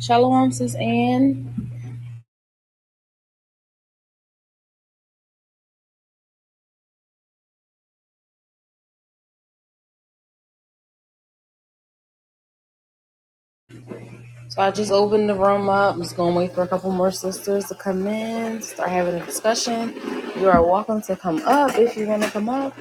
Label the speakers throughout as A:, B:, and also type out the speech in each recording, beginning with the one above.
A: Shalom, sis Ann. So I just opened the room up. I'm just gonna wait for a couple more sisters to come in, start having a discussion. You are welcome to come up if you wanna come up.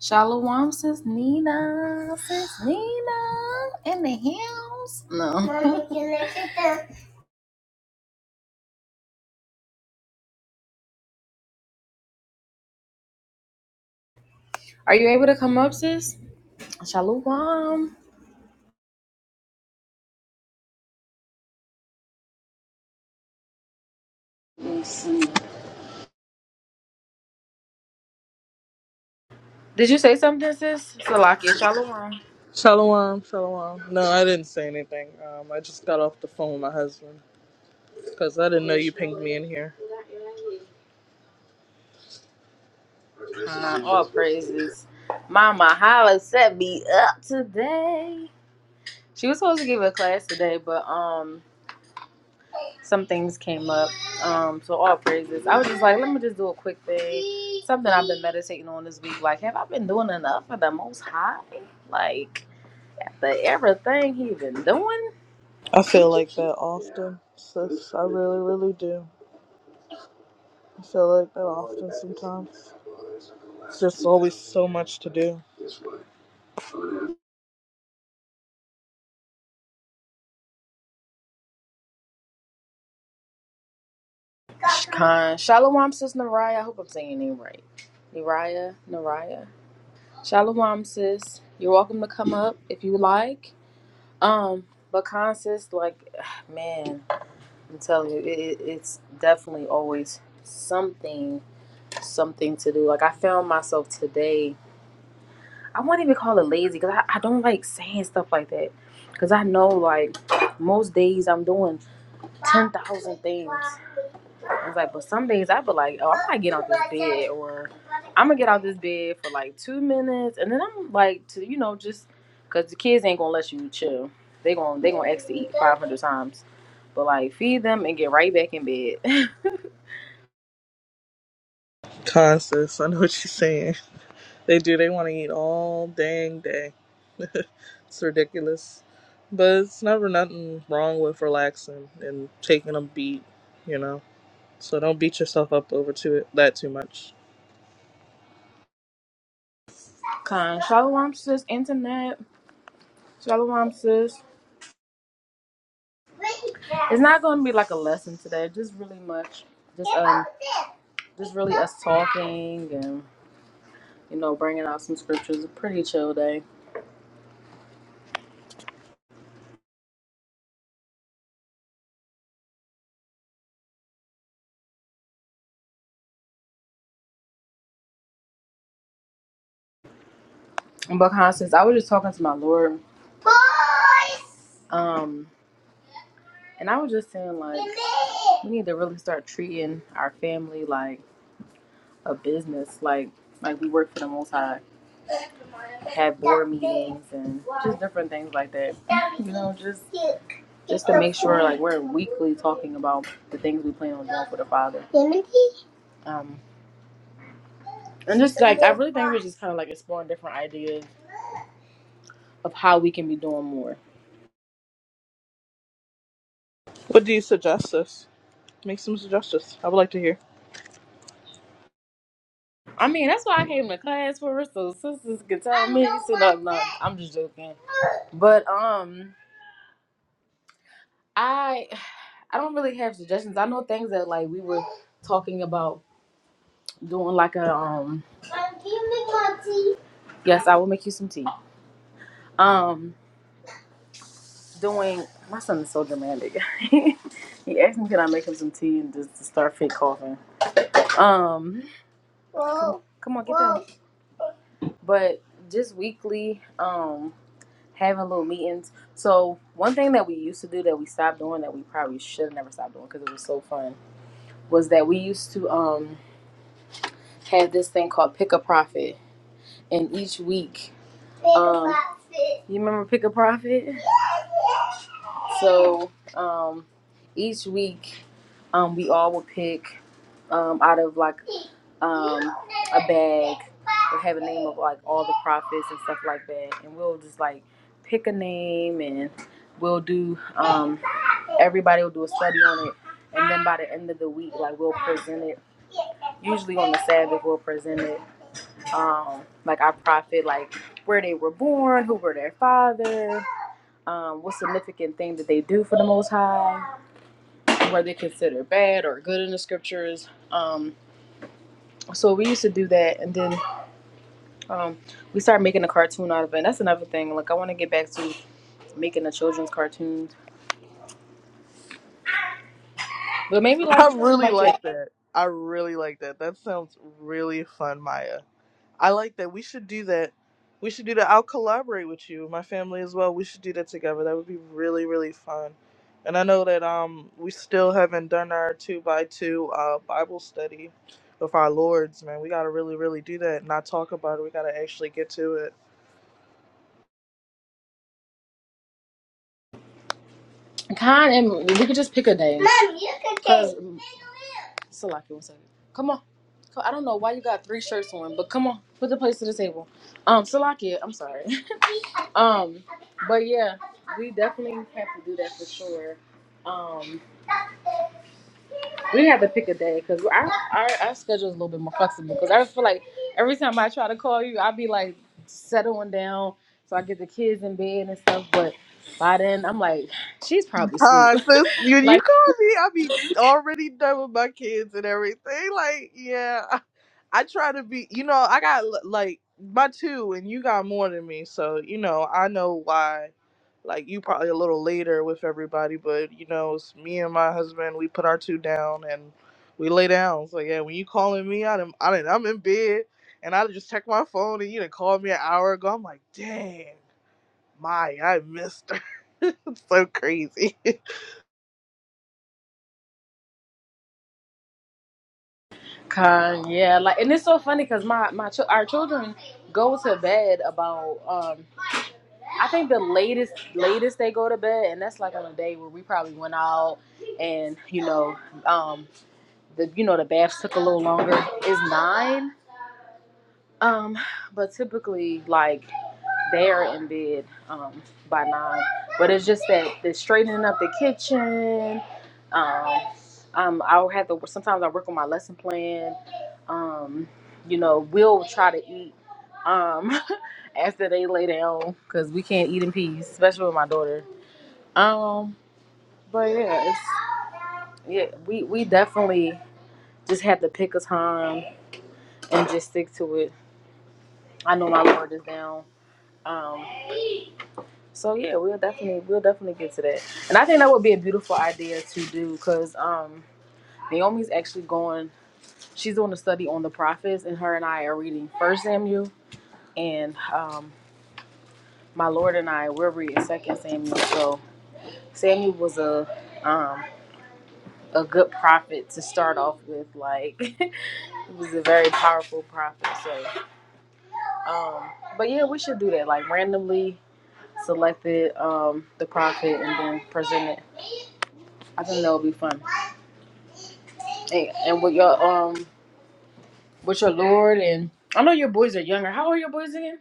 A: Shalom, sis Nina, sis Nina in the house. No. Are you able to come up, sis? Shalom. Did you say something, sis? Salakia, shalom.
B: Shalom, shalom. No, I didn't say anything. Um, I just got off the phone with my husband because I didn't know you pinged me in here.
A: Huh, all praises. Mama Holla set me up today. She was supposed to give a class today, but um, some things came up. Um, so all praises. I was just like, let me just do a quick thing. Something I've been meditating on this week. Like, have I been doing enough for the Most High? Like, the everything he been doing.
B: I feel like that often, sis. I really, really do. I feel like that often sometimes. It's just always so much to do.
A: Khan Shalom, sis Naraya. I hope I'm saying your name right. Naraya, Naraya. Shalom, sis. You're welcome to come up if you like. Um, but Khan sis, like, man. I'm telling you, it, it's definitely always something, something to do. Like I found myself today. I won't even call it lazy because I, I don't like saying stuff like that. Because I know like most days I'm doing ten thousand things. It's like, but some days I be like, oh, I might get out this bed, or I'm gonna get out this bed for like two minutes, and then I'm like, to you know, just because the kids ain't gonna let you chill. They going they gonna ask to eat five hundred times, but like feed them and get right back in bed.
B: Con, sis. I know what you're saying. They do. They want to eat all dang day. it's ridiculous. But it's never nothing wrong with relaxing and taking a beat, you know? So don't beat yourself up over to it, that too much.
A: Con. Shalom, sis, internet. Shalom, sis. It's not going to be like a lesson today. Just really much. Just um, just really us talking and you know bringing out some scriptures. A pretty chill day. But con, sis, I was just talking to my Lord. Um, and I was just saying like we need to really start treating our family like. a business. Like like we work for the Most High, have board meetings and just different things like that. You know, just just to make sure like we're weekly talking about the things we plan on doing for the Father. Um, and just like I really think we're just kind of like exploring different ideas of how we can be doing more.
B: What do you suggest us? Make some suggestions. I would like to hear.
A: I mean, that's why I came to class for so sisters can tell me. So no, no, I'm just joking. But um. I I don't really have suggestions. I know things that like we were talking about doing like a um Yes, I will make you some tea. Um doing my son is so dramatic. he asked me can I make him some tea and just to start fake coughing. Um come, come on, get down. But just weekly, um having little meetings. So one thing that we used to do that we stopped doing that we probably should have never stopped doing because it was so fun was that we used to um had this thing called Pick a Profit, and each week, Pick um, a um, Profit. You remember Pick a Profit? Yeah. So um, each week, um, we all would pick um, out of like um, a bag that have a name of like all the profits and stuff like that, and we'll just like pick a name and we'll do um, everybody will do a study on it, and then by the end of the week, like we'll present it. Usually on the Sabbath, we'll present it um, like our prophet, like where they were born, who were their father, um, what significant thing did they do for the Most High, were they considered bad or good in the scriptures. Um, so we used to do that, and then um, we started making a cartoon out of it. And that's another thing. Like I want to get back to making the children's cartoons, but maybe like
B: I
A: just something
B: really
A: like that.
B: like that. I really like that. That sounds really fun, Maya. I like that. We should do that. We should do that. I'll collaborate with you, my family as well. We should do that together. That would be really, really fun. And I know that um we still haven't done our two by two uh Bible study with our lords, man. We gotta really, really do that and not talk about it. We gotta actually get to it.
A: Kind and we could just pick a day. Mom, you can take. Cause- Salaki, one second. Come on. Co- I don't know why you got three shirts on, but come on, put the plates to the table. Um, Salaki, I'm sorry. Um, but yeah, we definitely have to do that for sure. Um, we have to pick a day because our, our our schedule is a little bit more flexible. Because I feel like every time I try to call you, I'll be like settling down, so I get the kids in bed and stuff. But by then, I'm like, she's probably asleep.
B: Uh, sis, when you
A: Like,
B: call me, I be already done with my kids and everything. Like, yeah, I, I try to be. You know, I got l- like my two, and you got more than me. So you know, I know why. Like, you probably a little later with everybody, but you know, it's me and my husband. We put our two down and we lay down. So yeah, when you calling me, I done, I done, I'm in bed, and I just check my phone, and you done called me an hour ago. I'm like, dang, my, I missed her. it's so crazy.
A: kind, yeah, like, and it's so funny because my my chil- our children go to bed about um I think the latest latest they go to bed, and that's like on a day where we probably went out and you know um the you know the baths took a little longer is nine um but typically like they are in bed um by nine, but it's just that the straightening up the kitchen um. Um, I'll have to. Sometimes I work on my lesson plan, Um, you know, we'll try to eat um after they lay down because we can't eat in peace, especially with my daughter. Um, but yeah, it's, yeah, we we definitely just have to pick a time and just stick to it. I know my Lord is down. Um, so yeah, we'll definitely we'll definitely get to that, and I think that would be a beautiful idea to do because um, Naomi's actually going. She's doing a study on the prophets, and her and I are reading First Samuel and um, my Lord and I, we're reading Second Samuel. So Samuel was a um, a good prophet to start off with. Like he was a very powerful prophet. So, um, but yeah, we should do that. Like randomly selected um, the prophet and then present it. I think that would be fun. And, and with your um, with your Lord and I know your boys are younger. How old are your boys again?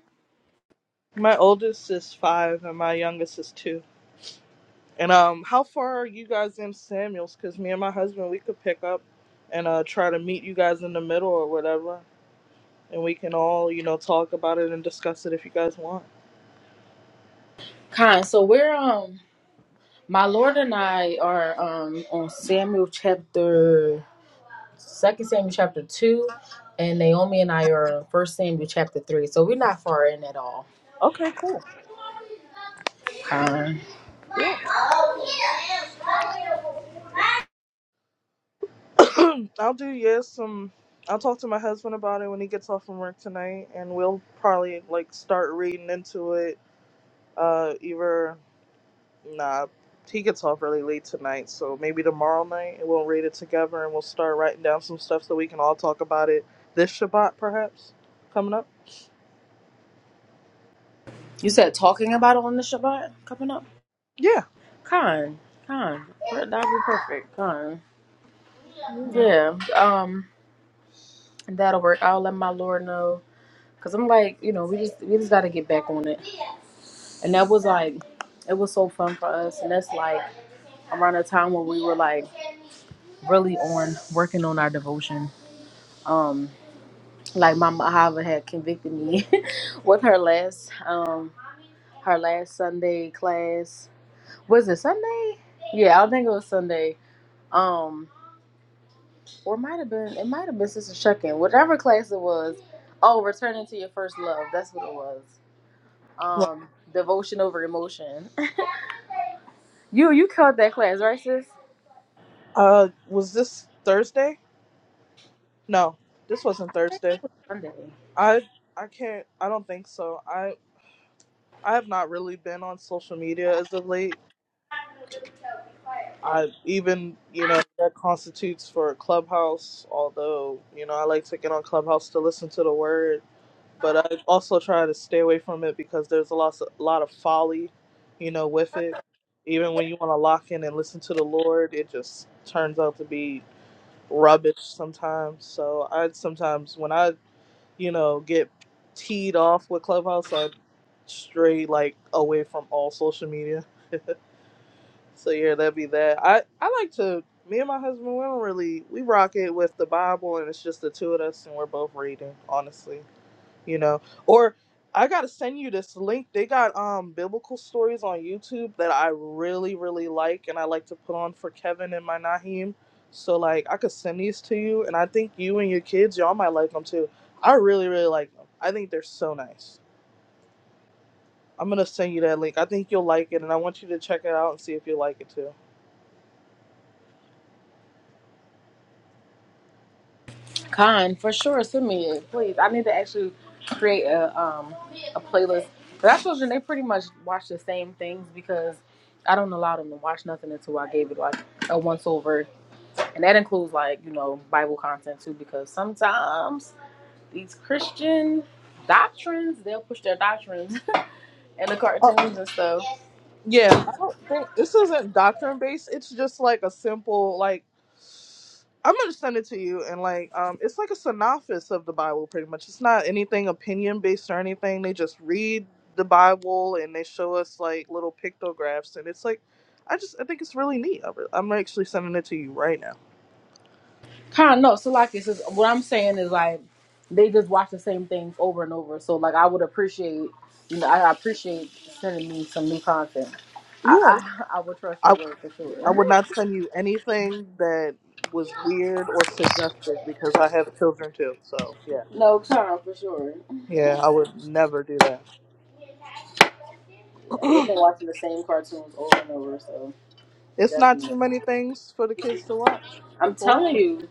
B: My oldest is five and my youngest is two. And um, how far are you guys in Samuels? Because me and my husband, we could pick up and uh, try to meet you guys in the middle or whatever. And we can all, you know, talk about it and discuss it if you guys want.
A: Kind. So we're um, my Lord and I are um on Samuel chapter. Second Samuel chapter two, and Naomi and I are in First Samuel chapter three, so we're not far in at all.
B: Okay, cool.
A: Con.
B: Yeah. I'll do, yeah, some. I'll talk to my husband about it when he gets off from work tonight. And we'll probably, like, start reading into it uh, either. Nah, he gets off really late tonight, so maybe tomorrow night and we'll read it together and we'll start writing down some stuff so we can all talk about it this Shabbat, perhaps, coming up.
A: You said talking about it on the Shabbat coming up.
B: Yeah.
A: Con, con, that'd be perfect. Con. Yeah. Um, that'll work. I'll let my Lord know, cause I'm like, you know, we just we just gotta get back on it. And that was like, it was so fun for us, and that's like around the time when we were like really on working on our devotion. um like mama hava had convicted me with her last um her last sunday class was it sunday yeah i think it was sunday um or it might have been it might have been sister shucking whatever class it was oh returning to your first love that's what it was um devotion over emotion you you called that class right sis
B: Uh, was this Thursday? No, this wasn't Thursday.
A: sunday
B: I I can't. I don't think so. I I have not really been on social media as of late. I even you know that constitutes for Clubhouse. Although you know I like to get on Clubhouse to listen to the word, but I also try to stay away from it because there's a lot a lot of folly, you know, with it. Even when you want to lock in and listen to the Lord, it just turns out to be rubbish sometimes. So I sometimes when I you know get teed off with Clubhouse, I stray like away from all social media. So yeah, that'd be that. I I like to. Me and my husband, we don't really we rock it with the Bible, and it's just the two of us, and we're both reading. Honestly, you know. Or I gotta send you this link. They got um biblical stories on YouTube that I really really like, and I like to put on for Kevin and my Naheem. So like, I could send these to you, and I think you and your kids, y'all might like them too. I really really like them. I think they're so nice. I'm gonna send you that link. I think you'll like it, and I want you to check it out and see if you like it too.
A: Con, for sure. Send me it, please. I need to actually create a um a playlist. But I children they pretty much watch the same things because I don't allow them to watch nothing until I gave it like a once over, and that includes like you know Bible content too because sometimes these Christian doctrines they'll push their doctrines in the cartoons and stuff.
B: Yeah, I don't think this isn't doctrine based. It's just like a simple like I'm gonna send it to you and like um it's like a synopsis of the Bible pretty much. It's not anything opinion based or anything. They just read the Bible and they show us like little pictographs and it's like I just I think it's really neat. I'm I'm actually sending it to you right now.
A: Kind of no, so like it's just what I'm saying is like they just watch the same things over and over. So like I would appreciate, you know, I appreciate sending me some new content.
B: Yeah.
A: I I, I would trust your
B: I
A: word for
B: I
A: sure.
B: would not send you anything that was weird or suggestive because I have children too. So yeah.
A: no, Tom, for sure.
B: Yeah, I would never do that.
A: Yeah, they've been watching the same cartoons over and over, so
B: It's not too
A: definitely.
B: many things for the kids to watch,
A: I'm telling
B: unfortunately.
A: you,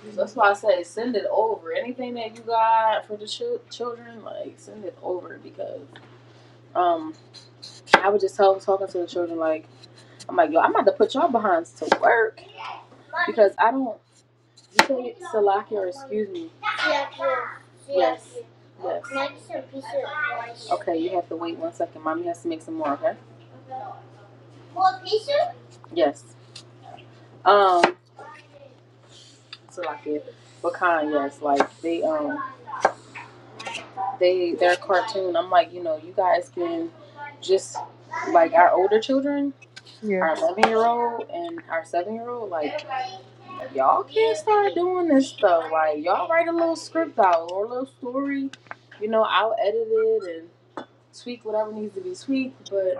B: You
A: so
B: know.
A: that's why I say send it over. Anything that you got for the chil- children, like send it over because um I would just tell talking to the children like. I'm like, yo, I'm about to put y'all behinds to work because I don't. You say it, Salaki or excuse me. Yes. Yes. Okay, you have to wait one second. Mommy has to make some more, okay? More pizza? Yes. Um, Salaki, Wakan, yes. Like, they, um, they, their cartoon, I'm like, you know, you guys can just, like, our older children.
B: Yeah.
A: our 11 year old and our 7 year old, like, y'all can't start doing this stuff. Like, y'all write a little script out or a little story. You know, I'll edit it and tweak whatever needs to be tweaked, but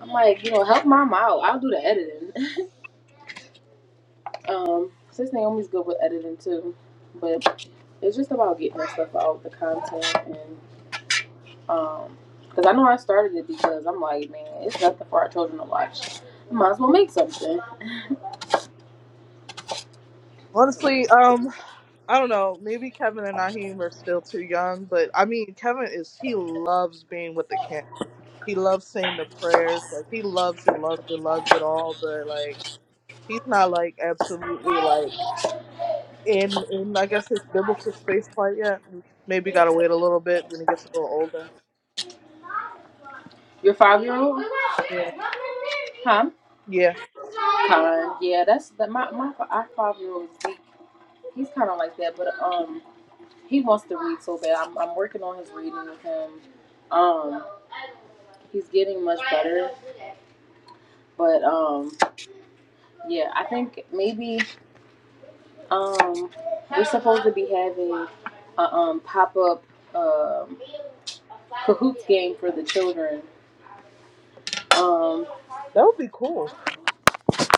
A: I'm like, you know, help mom out. I'll do the editing. um, since Naomi's good with editing too, but it's just about getting the stuff out, the content, and um, because I know I started it because I'm like, man, it's nothing for our children to watch. Might as well make something. So
B: Honestly, um, I don't know. Maybe Kevin and Naheem are still too young, but I mean, Kevin is he loves being with the camp. He loves saying the prayers. Like he loves it, loves it, loves it all. But like he's not like absolutely like in in I guess his biblical space quite yet. Maybe gotta wait a little bit when he gets a little older.
A: Your five year old?
B: Yeah,
A: Huh?
B: yeah,
A: Colin. Yeah, that's that. My my our five year old is weak. He's kind of like that, but um, he wants to read so bad. I'm I'm working on his reading with him. Um, he's getting much better, but um, yeah, I think maybe um, we're supposed to be having a um pop up um cahoots game for the children um
B: that would be cool.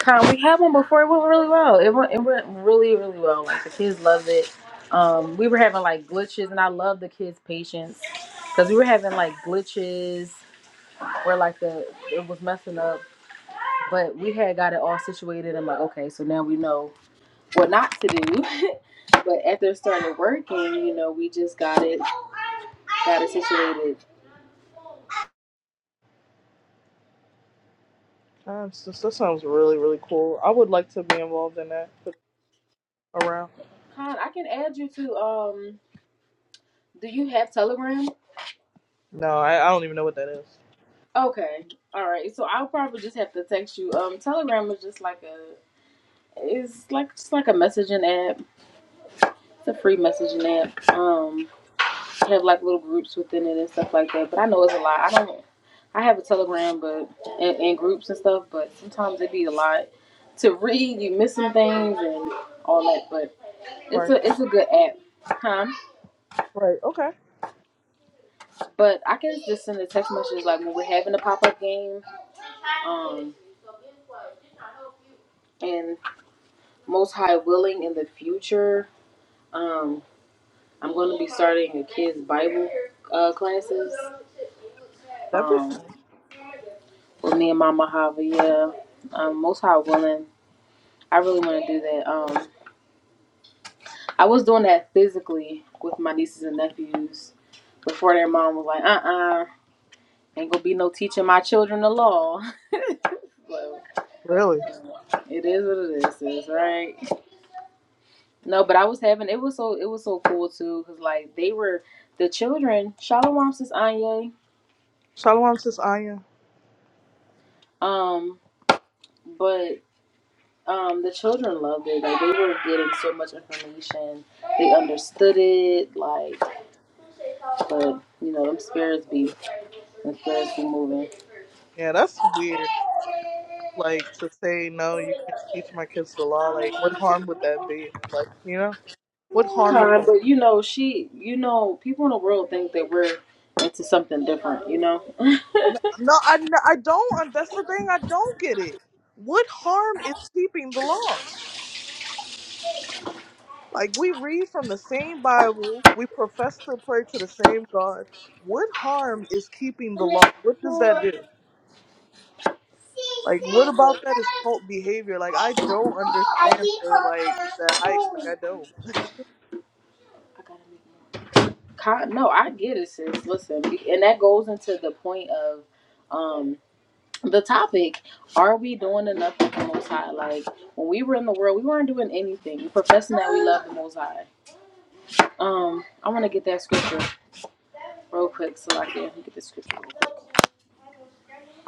A: time. We had one before. It went really well. It went it went really really well. Like the kids loved it. Um, we were having like glitches, and I love the kids' patience because we were having like glitches where like the it was messing up, but we had got it all situated. I'm like, okay, so now we know what not to do. but after it started working, you know, we just got it got it situated.
B: Um, so, so that sounds really, really cool. I would like to be involved in that. but Around?
A: Con, I can add you to um. Do you have Telegram?
B: No, I, I don't even know what that is.
A: Okay. All right. So I'll probably just have to text you. Um, Telegram is just like a it's like just like a messaging app. It's a free messaging app. Um, they have like little groups within it and stuff like that. But I know it's a lot. I don't. I have a Telegram, but and, and groups and stuff. But sometimes it be a lot to read. You miss some things and all that. But it's
B: Right,
A: a it's a good app. Huh?
B: right, okay.
A: But I can just send a text message like when we're having a pop up game. Um, and most high willing in the future Um, I'm going to be starting a kids Bible uh, classes.
B: That'd be
A: Um,
B: fun.
A: with me and Mama Hava, yeah. Um, most high willing, I really want to do that. Um, I was doing that physically with my nieces and nephews before their mom was like, "Uh, uh ain't gonna be no teaching my children the law." so,
B: Really?
A: it is what it is, sis, right? No, but I was having it was so it was so cool too because like they were the children. Shalom says Anye,
B: Shalom says Aya.
A: um, but um the children loved it. Like they were getting so much information. They understood it. Like, but you know them spirits be them spirits be moving.
B: Yeah, that's weird. Like, to say, no, you can't teach my kids the law. Like, what harm would that be? Like, you know? What harm would
A: Kind,
B: that
A: but
B: be?
A: you know she, you know people in the world think that we're into something different. You know.
B: No, no, I, no, I don't. That's the thing. I don't get it. What harm is keeping the law? Like we read from the same Bible, we profess to pray to the same God. What harm is keeping
A: I
B: the law? What does that do? Like what about that is cult behavior? Like I don't understand the like the hype. Like I don't.
A: No, I get it, sis. Listen, be- and that goes into the point of um the topic. Are we doing enough for the Most High? Like when we were in the world, we weren't doing anything. We professing that we love the Most High. Um, I want to get that scripture real quick so I can get the scripture.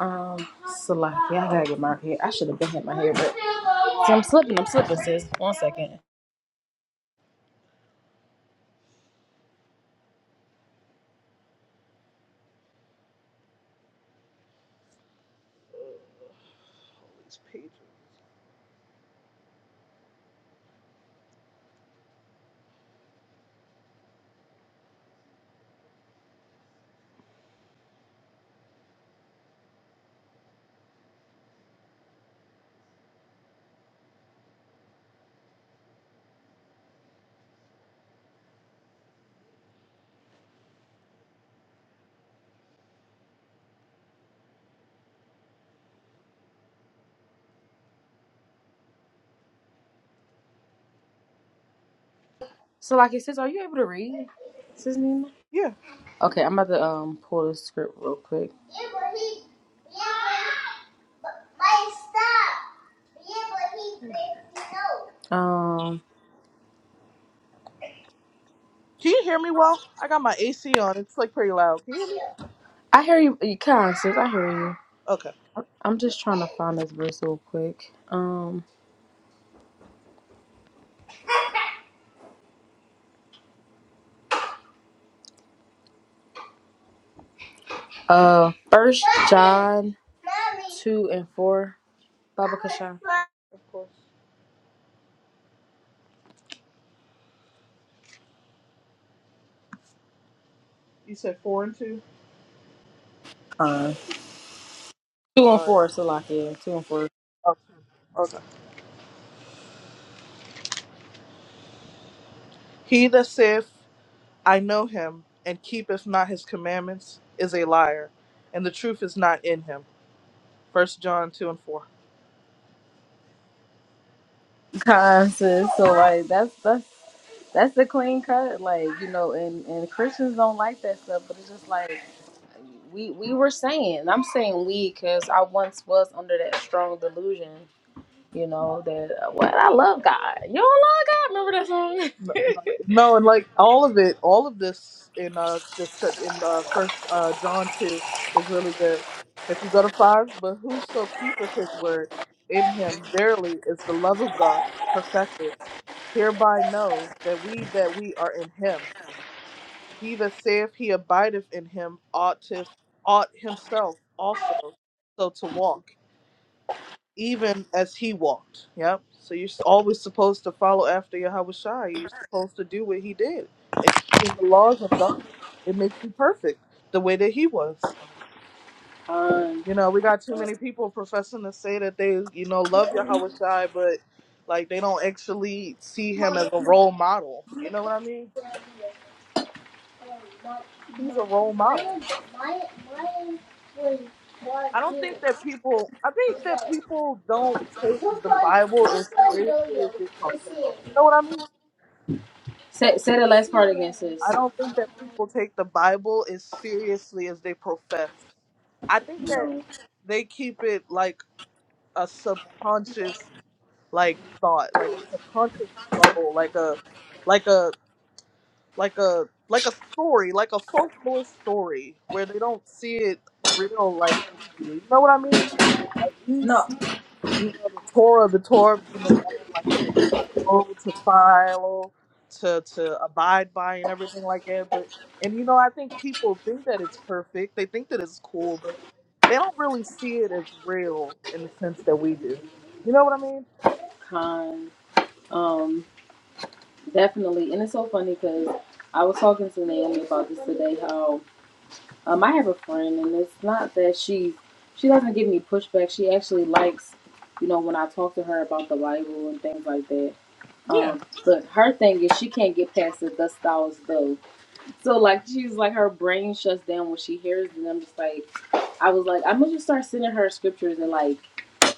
A: Um, Salaki, I gotta get my hair. I should have been had my hair, but see, I'm slipping. I'm slipping, sis. One second.
B: It's pages.
A: Salaki sis, are you able to read? Sis Nina.
B: Yeah.
A: Okay, I'm about to um pull the script real quick. Yeah, but he, Yeah, but but stop. Yeah, but he no. Um,
B: Can you hear me well? I got my AC on. It's like pretty loud. Can you hear me?
A: I hear you. You can, sis. I hear you.
B: Okay.
A: I'm just trying to find this verse real quick. Um, uh, First John two and four. Baba Kasha.
B: Of course. You said four and two?
A: Con, Two and
B: Alright.
A: four, Salakia. Two and four.
B: Okay. okay. He that saith, I know him, and keepeth not his commandments, is a liar, and the truth is not in him. First John two and four.
A: con sis. So like that's that's that's the clean cut. Like you know, and and Christians don't like that stuff. But it's just like we we were saying. and I'm saying we because I once was under that strong delusion. You know that uh, what I love God. You don't love God.
B: N-
A: Remember that
B: like- No, and like all of it, all of this in uh this set in uh First uh John two is really good. If you go to five, but whoso keepeth his word in him verily is the love of God perfected. Hereby know that we that we are in him. He that saith he abideth in him ought to ought himself also so to walk. even as he walked. Yep. So you're always supposed to follow after Yahweh Shai. You're supposed to do what he did. And in the laws of God, it makes you perfect the way that he was.
A: song?
B: You know, we got too many people professing to say that they, you know, love Yahweh Shai, but like they don't actually see him as a role model. You know what I mean? He's a role model. I don't think that people, I think
A: Con.
B: that people don't take the Bible as seriously as they profess. You know what I mean?
A: Say say the last part again,
B: I
A: sis.
B: don't think that people take the Bible as seriously as they profess. I think that
A: No,
B: they keep it like a subconscious like thought, like a subconscious bubble, like a like a like a like a story, like a folklore story where they don't see it real like we do. You know what I mean? Like we
A: no,
B: see, you know, the Torah, the Torah being the law, like as a moral code to follow, to to abide by, and everything like that. But and you know, I think people think that it's perfect. They think that it's cool, but they don't really see it as real in the sense that we do. You know what I mean?
A: kind. Um, definitely, and it's so funny because I was talking to Naomi about this today. How um, I have a friend, and it's not that she she doesn't give me pushback. She actually likes, you know, when I talk to her about the Bible and things like that.
B: Yeah.
A: Um, but her thing is she can't get past the "Thus thou though." So like she's like her brain shuts down when she hears it. And I'm just like, I was like, I'm gonna just start sending her scriptures and like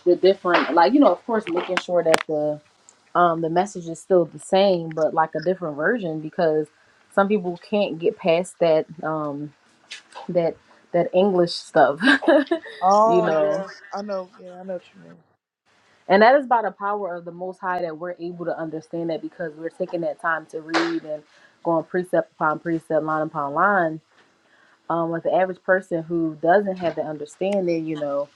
A: the different, like you know, of course, making sure that the um the message is still the same, but like a different version because some people can't get past that um that that English stuff, you
B: Oh
A: know.
B: yeah, I know. Yeah, I know what you mean.
A: And that is by the power of the Most High that we're able to understand that because we're taking that time to read and going precept upon precept, line upon line um, with the average person who doesn't have the understanding, you know,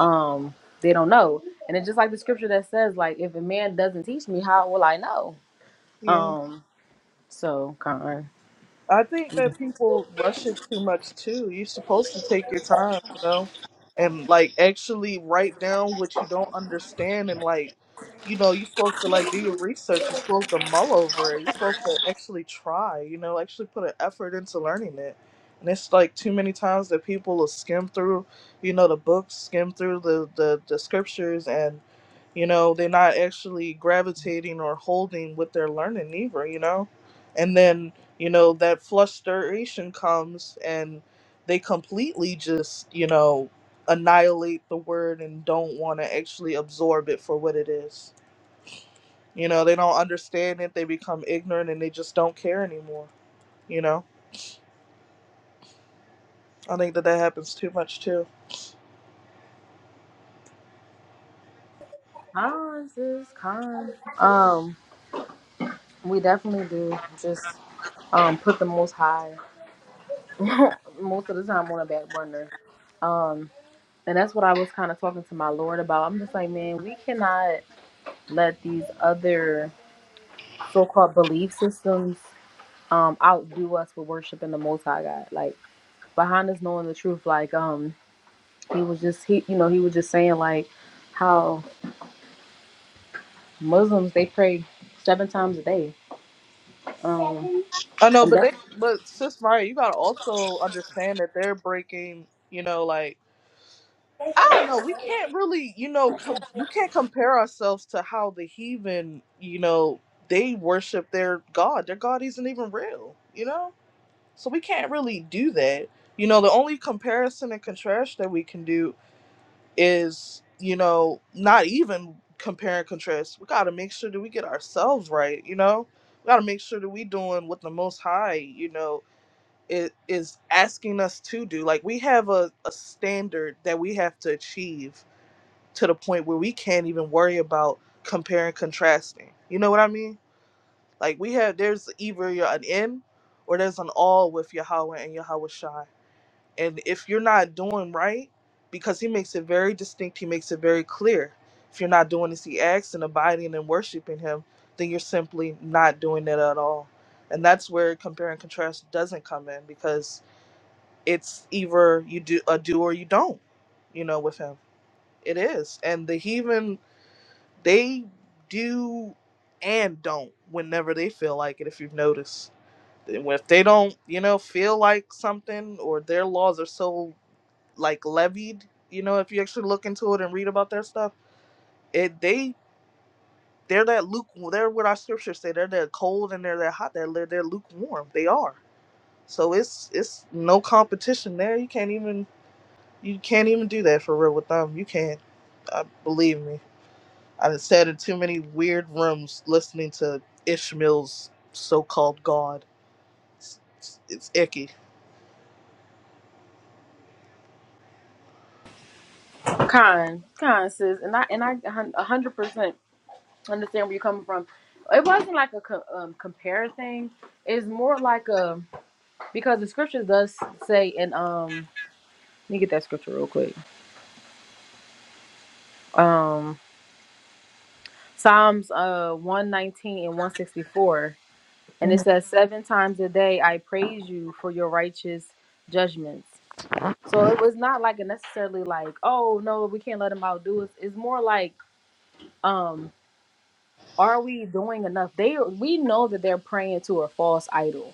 A: um, they don't know. And it's just like the scripture that says, like, if a man doesn't teach me, how will I know?
B: Yeah.
A: Um, so con
B: I think that people rush it too much too. You're supposed to take your time, you know, and like actually write down what you don't understand and like, you know, you're supposed to like do your research. You're supposed to mull over it. You're supposed to actually try, you know, actually put an effort into learning it. And it's like too many times that people will skim through, you know, the books, skim through the the, the scriptures, and you know they're not actually gravitating or holding what they're learning either you know and then you know that frustration comes and they completely just you know annihilate the word and don't want to actually absorb it for what it is you know they don't understand it they become ignorant and they just don't care anymore you know i think that that happens too much too
A: cons is con. Um, we definitely do just um put the most high most of the time on a back burner. Um, and that's what I was kind of talking to my Lord about. I'm just like, man, we cannot let these other so-called belief systems um outdo us for worshiping the most high God. Like behind us knowing the truth, like um he was just he you know, he was just saying like how Muslims they pray seven times a day. Um
B: i know
A: and
B: but
A: that's
B: they but sis Maya, you gotta also understand that they're breaking you know like I don't know. We can't really, you know, com- we can't compare ourselves to how the heathen, you know, they worship their god. Their god isn't even real, you know. So we can't really do that. You know, the only comparison and contrast that we can do is, you know, not even compare and contrast. We got to make sure that we get ourselves right. You know, we got to make sure that we doing what the Most High, you know, i- is asking us to do. Like we have a, a standard that we have to achieve to the point where we can't even worry about comparing contrasting. You know what I mean? Like we have there's either you're an in or there's an all with Yahweh and Yahweh Shai. And if you're not doing right, because he makes it very distinct, he makes it very clear. If you're not doing as he acts and abiding and worshiping him, then you're simply not doing it at all. And that's where compare and contrast doesn't come in because it's either you do a do or you don't, you know, with him. It is. And the heathen they do and don't whenever they feel like it. If you've noticed, And if they don't, you know, feel like something or their laws are so like levied, you know, if you actually look into it and read about their stuff, it they they're that luke. They're what our scriptures say. They're that cold and they're that hot. They're they're they're lukewarm. They are. So it's it's no competition there. You can't even you can't even do that for real with them. You can't. Uh, believe me. I done sat in too many weird rooms listening to Ishmael's so-called God. It's, it's, it's icky.
A: kind, kind sis. And I and I a hundred percent understand where you're coming from. It wasn't like a co- um, compare thing. It's more like a because the scripture does say in um let me get that scripture real quick. Um Psalms uh 119 and 164 And it says, Seven times a day I praise you for your righteous judgments. So it was not like a necessarily like, oh no, we can't let them outdo us. It's more like, um, are we doing enough? They we know that they're praying to a false idol,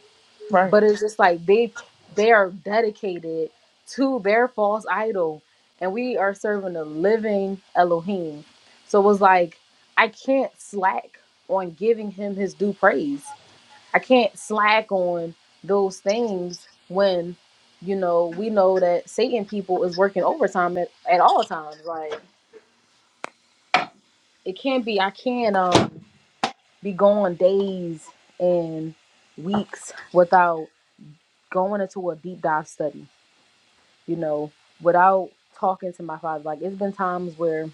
B: Right.
A: but it's just like they they are dedicated to their false idol, and we are serving a living Elohim. So it was like, I can't slack on giving him his due praise I can't slack on those things when you know we know that Satan people is working overtime at, at all times. Like it can't be. I can't um be going days and weeks without going into a deep dive study. You know, without talking to my father. Like it's been times where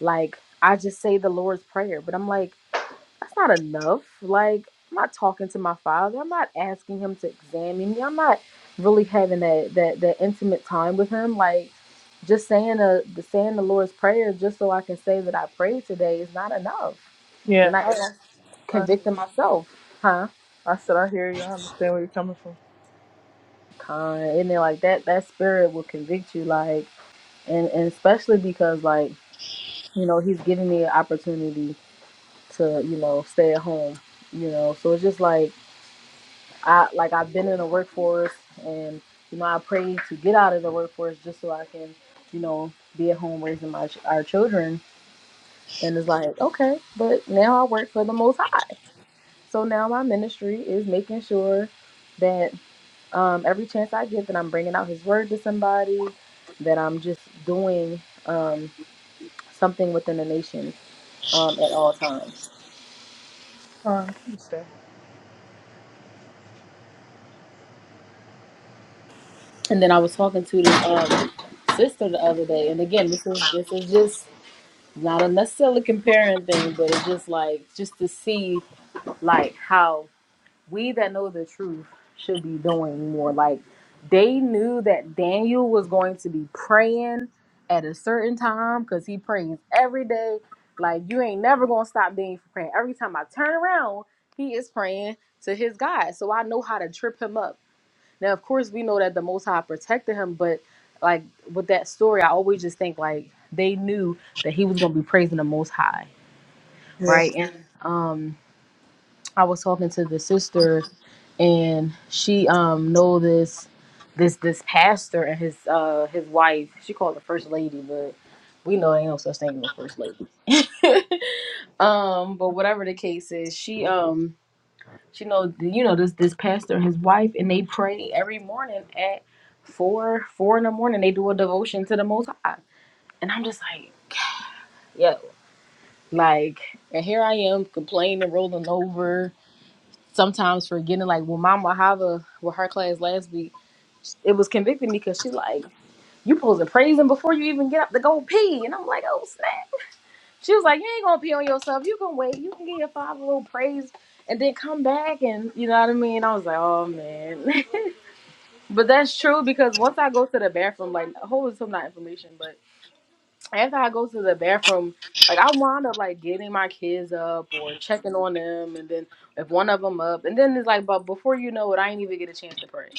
A: like I just say the Lord's prayer, but I'm like that's not enough. Like, I'm not talking to my father. I'm not asking him to examine me. I'm not really having that that, that intimate time with him. Like, just saying a, the saying the Lord's prayer just so I can say that I prayed today is not enough.
B: Yeah.
A: And I and
B: I,
A: that's
B: I
A: convicting myself, huh?
B: I said I hear you. I understand where you're coming from.
A: Con, and then like that that spirit will convict you, like, and and especially because like you know he's giving me an opportunity to you know stay at home, you know. So it's just like I like I've been in the workforce and you know I prayed to get out of the workforce just so I can you know be at home raising my ch- our children and it's like okay but now I work for the most high so now my ministry is making sure that um, every chance I get that I'm bringing out his word to somebody that I'm just doing um, something within the nation um, at all times
B: I understand.
A: and then I was talking to this um, sister the other day and again this is this is just not necessarily comparing things, but it's just like just to see like how we that know the truth should be doing more. Like they knew that Daniel was going to be praying at a certain time because he prays every day. Like you ain't never gonna stop Daniel from praying. Every time I turn around, he is praying to his God. So I know how to trip him up. Now, of course, we know that the Most High protected him, but like with that story, I always just think like they knew that he was going to be praising the Most High,
B: Yeah.
A: right? And um, I was talking to the sister, and she um know this this this pastor and his uh his wife. She called the first lady, but we know ain't no such thing as a first lady. um, but whatever the case is, she um you know, you know this this pastor and his wife, and they pray every morning at four four in the morning. They do a devotion to the Most High, and I'm just like, yo, like, and here I am complaining, rolling over, sometimes forgetting. Like, well, Mama Hava with her class last week, it was convicting me because she like, you supposed to praise him before you even get up to go pee, and I'm like, oh snap. She was like, you ain't gonna pee on yourself. You can wait. You can get your five little praise and then come back and you know what I mean. I was like, oh man. But that's true because once I go to the bathroom, like hold some not information, but after I go to the bathroom, like I wind up like getting my kids up or checking on them, and then if one of them up, and then it's like, but before you know it, I ain't even get a chance to pray,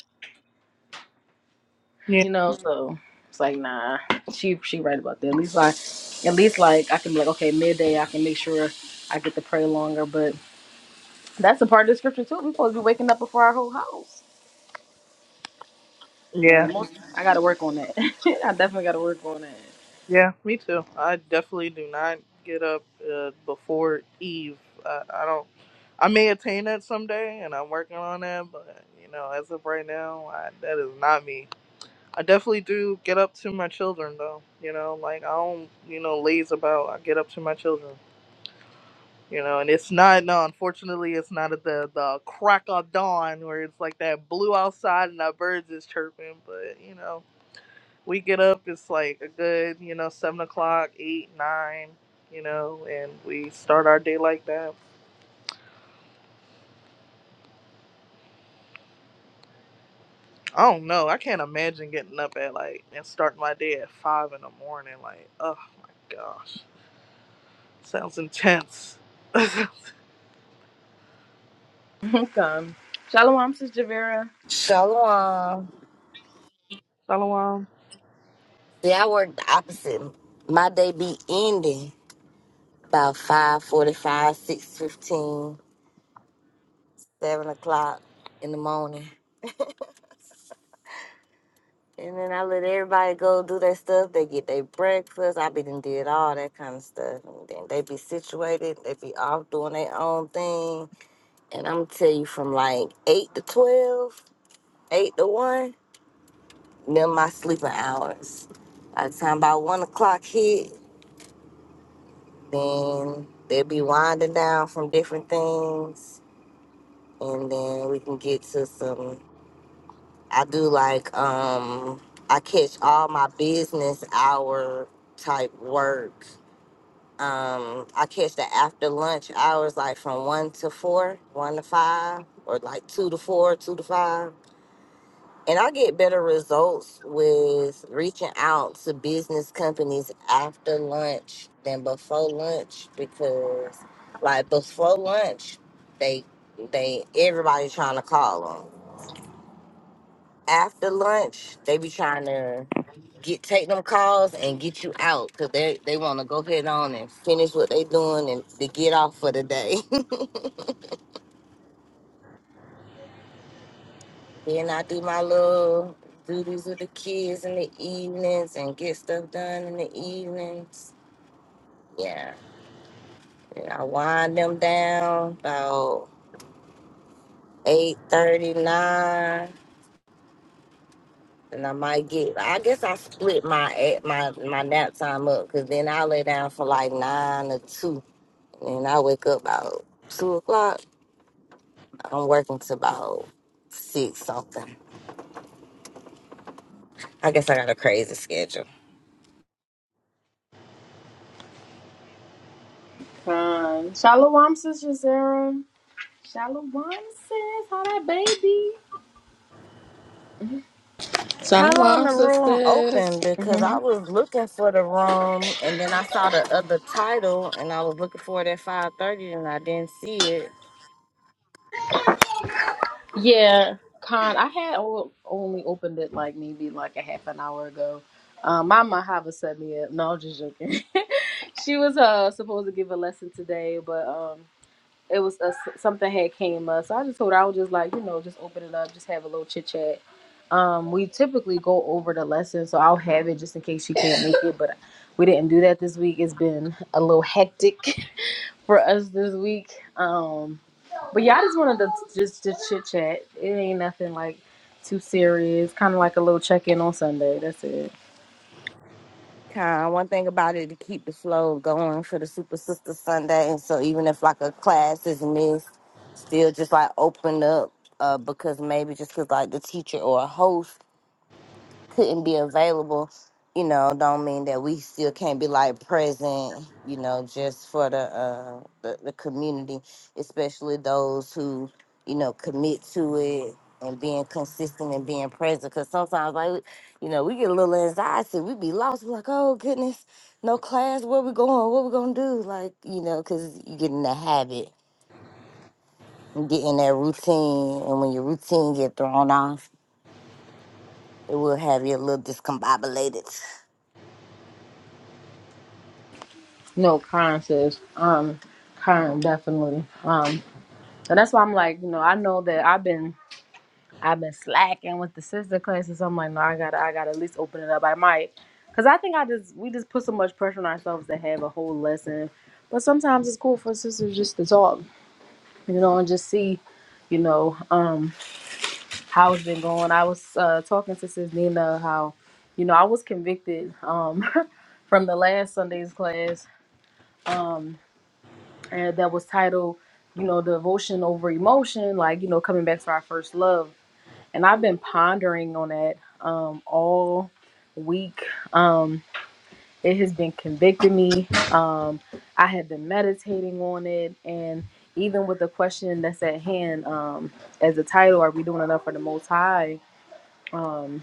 B: Yeah.
A: you know. So it's like, nah, she she right about that. At least like, at least like I can be like, okay, midday, I can make sure I get to pray longer. But that's a part of the scripture too. We're supposed to be waking up before our whole house. Now
B: Yeah.
A: the most I got to work on that. I definitely got to work on that.
B: Yeah. Me too. I definitely do not get up uh, before Eve. I, I don't. I may attain that someday, and I'm working on that. But you know, as of right now, I, that is not me. I definitely do get up to my children though. You know, like I don't, you know, laze about. I get up to my children. You know, and it's not no. Unfortunately, it's not at the the crack of dawn where it's like that blue outside and the birds is chirping. But you know, we get up. It's like a good, you know, seven o'clock, eight, nine. You know, and we start our day like that. I don't know. I can't imagine getting up at like and starting my day at five in the morning. Like, oh my gosh, sounds intense.
A: Welcome. Shalom, Sis Javera.
C: Shalom.
B: Shalom.
C: See, I work the opposite. My day be ending about 5.45, six fifteen, seven o'clock in the morning. And then I let everybody go do their stuff. They get their breakfast. I be done did all that kind of stuff. And then they be situated. They be off doing their own thing. And I'm tell you, from like 8 to 12, 8 to 1, them my sleeping hours. By the time about 1 o'clock hit, Then they'll be winding down from different things, and then we can get to some. I do like um, I catch all my business hour type work. Um, I catch the after lunch hours, like from one to four, one to five, or like two to four, two to five And I get better results with reaching out to business companies after lunch than before lunch because, like, before lunch, they they everybody trying to call them. After lunch, they be trying to get take them calls and get you out because they they want to go head on and finish what they doing and to get off for the day. Then I do my little duties with the kids in the evenings and get stuff done in the evenings. Yeah. Then I wind them down about eight thirty nine. And I might get. I guess I split my at my my nap time up because then I lay down for like nine or two, and I wake up about two o'clock. I'm working to about six something. I guess I got a crazy schedule.
A: Um, Shalom, Sis Jazera. Shalom, Sis. How that baby?
C: How long
D: Shalom,
C: the room
D: sisters.
C: open? Because I
A: hmm
C: was looking for the room, and then I saw the other title, and I was looking for it at five thirty, and I didn't see it.
A: Yeah, Con. I had o- only opened it like maybe like a half an hour ago. Um, my Mahava set me up. No, I'm just joking. she was uh supposed to give a lesson today, but um. it was a, something had came up. So I just told her I was just like, you know, just open it up, just have a little chit chat. Um, we typically go over the lesson, so I'll have it just in case she can't make it. But we didn't do that this week. It's been a little hectic for us this week. Um, but yeah, I just wanted to just to chit chat. It ain't nothing like too serious. Kind of like a little check in on Sunday. That's it.
C: Kind of one thing about it to keep the flow going for the Super Sister Sunday, and so even if like a class is missed, still just like open up uh, because maybe just because like the teacher or a host couldn't be available, you know, don't mean that we still can't be like present, you know, just for the uh the, the community, especially those who, you know, commit to it and being consistent and being present. Cause sometimes like you know, we get a little anxiety, we be lost, we like, oh goodness, no class, where we going, what we gonna do? Like, you know, cause you get in the habit and get in that routine and when your routine get thrown off, it will have you a little discombobulated.
A: No, Karen says, um, Karen definitely. Um, so that's why I'm like, you know, I know that I've been. I've been slacking with the sister classes. So I'm like, no, I gotta, I gotta at least open it up. I might, cause I think I just, we just put so much pressure on ourselves to have a whole lesson. But sometimes it's cool for sisters just to talk, you know, and just see, you know, um, how it's been going. I was uh, talking to Sis Nina how, you know, I was convicted um from the last Sunday's class, um, and that was titled, you know, devotion over emotion, like you know, coming back to our first love and I've been pondering on that um, all week. Um, it has been convicting me. Um, I have been meditating on it, and even with the question that's at hand, um, as the title, "Are we doing enough for the Most High?" Um,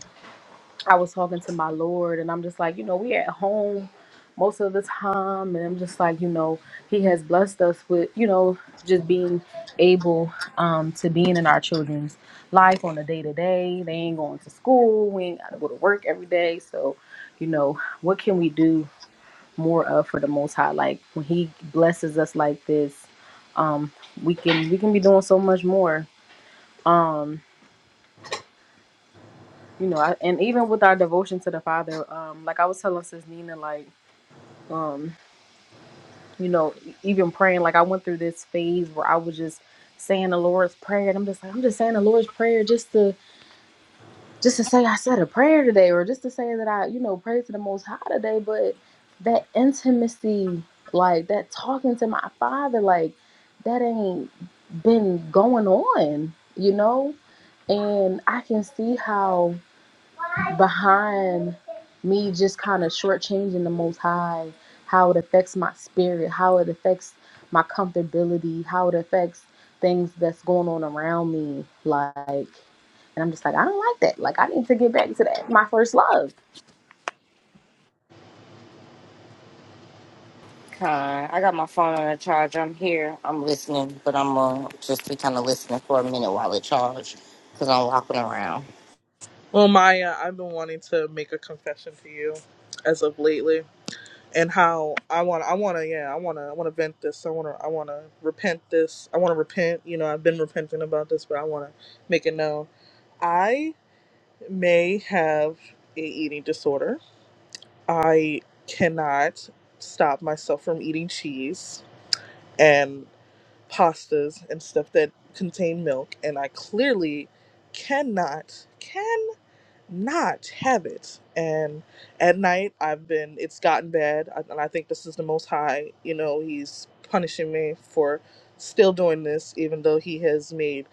A: I was talking to my Lord, and I'm just like, you know, we at home most of the time, and I'm just like, you know, He has blessed us with, you know, just being able um, to being in our children's life on a day to day. They ain't going to school. We ain't got to go to work every day. So, you know, what can we do more of for the Most High? Like when He blesses us like this, um, we can we can be doing so much more. Um, you know, I, and even with our devotion to the Father, um, like I was telling Sis Nina, like, um, you know, e- even praying, like I went through this phase where I was just saying the Lord's prayer, and I'm just like, I'm just saying the Lord's prayer just to just to say I said a prayer today, or just to say that I, you know, prayed to the Most High today. But that intimacy, like that talking to my Father, like that ain't been going on, you know, and I can see how behind me just kind of shortchanging the most high, how it affects my spirit, how it affects my comfortability, how it affects things that's going on around me. Like, and I'm just like, I don't like that. Like, I need to get back to that, my first love.
C: Con, I got my phone on a charge. I'm here. I'm listening, but I'm uh, just be kind of listening for a minute while it charge, cause I'm walking around.
B: Well, Maya, I've been wanting to make a confession to you as of lately, and how I want, I want to, yeah, I want to, I want to vent this. I want to, I want to repent this. I want to repent. You know, I've been repenting about this, but I want to make it known. I may have a eating disorder. I cannot stop myself from eating cheese and pastas and stuff that contain milk, and I clearly cannot, not have it. And at night, I've been, it's gotten bad. I, and I think this is the most high, you know, he's punishing me for still doing this, even though he has made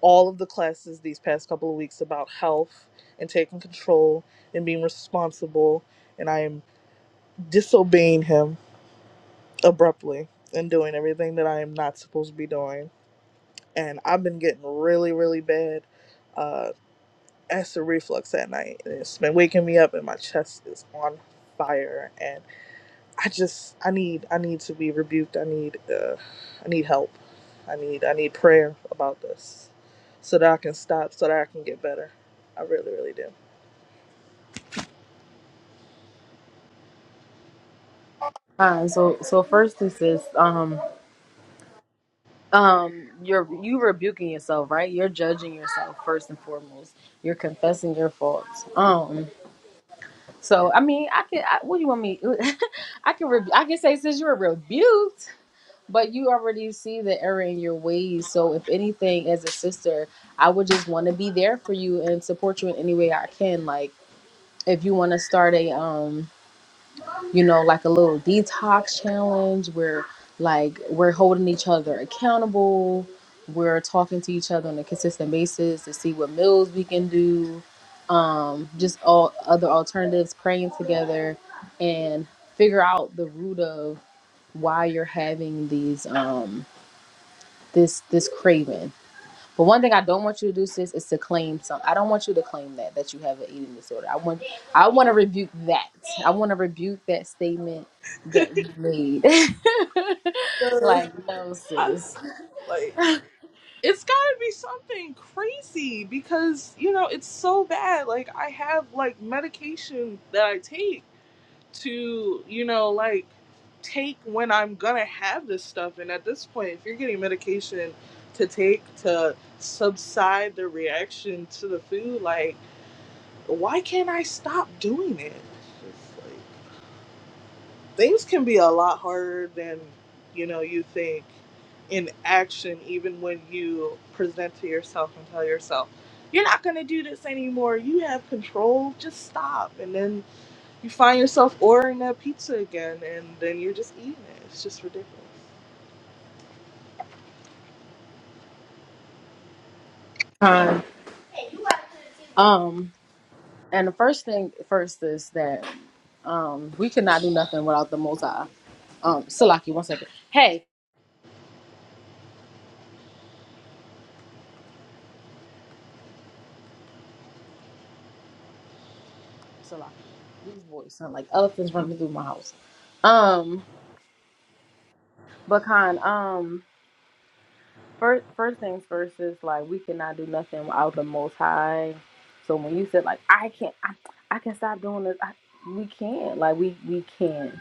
B: all of the classes these past couple of weeks about health and taking control and being responsible. And I am disobeying him abruptly and doing everything that I am not supposed to be doing. And I've been getting really, really bad. uh, acid reflux at night. and It's been waking me up, and my chest is on fire. And I just, I need, I need to be rebuked. I need, uh, I need help. I need, I need prayer about this, so that I can stop, so that I can get better. I really, really do.
A: Uh, so so first this is um um you're you rebuking yourself, right? You're judging yourself first and foremost. You're confessing your faults. Um so I mean I can I, what do you want me I can rebu I can say since you were rebuked, but you already see the error in your ways. So if anything, as a sister, I would just want to be there for you and support you in any way I can. Like if you want to start a um, you know, like a little detox challenge where like we're holding each other accountable, we're talking to each other on a consistent basis to see what meals we can do, um, just all other alternatives, praying together and figure out the root of why you're having these um this this craving. But one thing I don't want you to do, sis, is to claim some. I don't want you to claim that that you have an eating disorder. I want I want to rebuke that. I want to rebuke that statement that you made.
B: Sure.
A: like no,
B: I,
A: sis.
B: like, it's got to be something crazy because you know it's so bad. Like, I have like medication that I take to, you know, like take when I'm gonna have this stuff. And at this point, if you're getting medication to take to subside the reaction to the food, like, why can't I stop doing it? It's just like things can be a lot harder than, you know, you think in action, even when you present to yourself and tell yourself, you're not gonna do this anymore. You have control. Just stop. And then you find yourself ordering that pizza again, and then you're just eating it. It's just ridiculous.
A: Um, um, and the first thing first is that um we cannot do nothing without the Most High. Um, Salaki, one second. Hey, Salaki, these boys sound like elephants running through my house. Um. But Khan, um, first first things first is like we cannot do nothing without the Most High. So when you said like I can't, I, I can stop doing this. I, we can't. Like we we can't.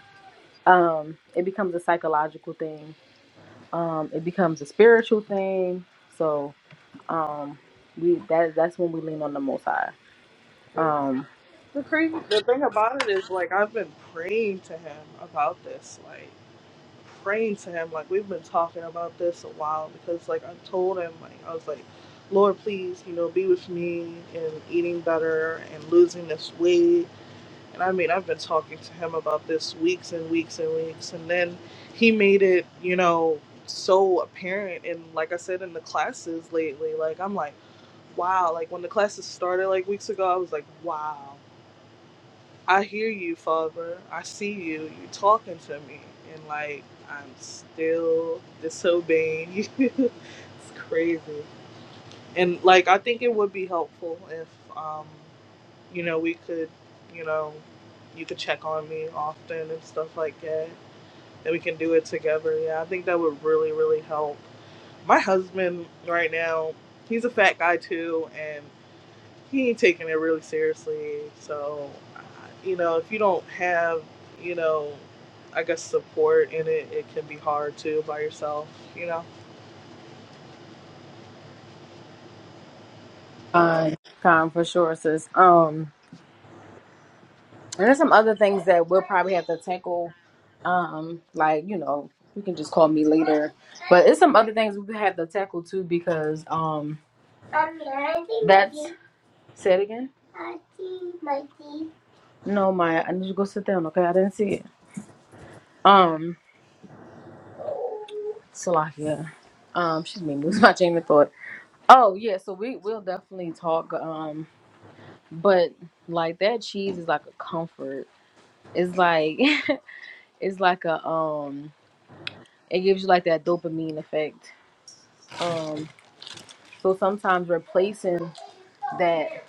A: Um, it becomes a psychological thing. Um, it becomes a spiritual thing. So um, we that that's when we lean on the Most High.
B: And
A: Um,
B: The crazy, the thing about it is, like, I've been praying to him about this, like, praying to him, like, we've been talking about this a while because, like, I told him, like, I was like, Lord, please, you know, be with me in eating better and losing this weight And I mean, I've been talking to him about this weeks and weeks and weeks. And then he made it, you know, so apparent. And like I said, in the classes lately, like, I'm like, wow. Like, when the classes started like weeks ago, I was like, wow. I hear you, Father. I see you. You talking to me. And like, I'm still disobeying you. it's crazy and like I think it would be helpful if um, you know, we could, you know, you could check on me often and stuff like that. And we can do it together. Yeah, I think that would really, really help. My husband right now, he's a fat guy too, and he ain't taking it really seriously. So, uh, you know, if you don't have, you know, I guess support in it, it can be hard too by yourself, you know?
A: Khan con for sure, sis. Um, there's some other things that we'll probably have to tackle. Um, like, you know, you can just call me later. But it's some other things we have to tackle too because um that's say it again. No, Maya, I need you to go sit down, okay? I didn't see it. Um Salakia. Um, she's made me lose my chain of thought. Oh yeah, so we will definitely talk. Um, but like that cheese is like a comfort. It's like it's like a um It gives you like that dopamine effect. Um, so sometimes replacing that,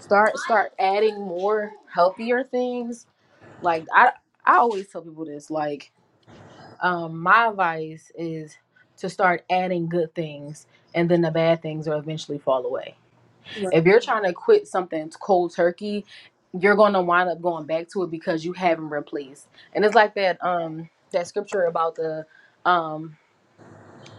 A: start start adding more healthier things. Like I I always tell people this. Like um, my advice is to start adding good things, and then the bad things will eventually fall away. If you're trying to quit something cold turkey, you're gonna wind up going back to it because you haven't replaced. And it's like that um that scripture about the um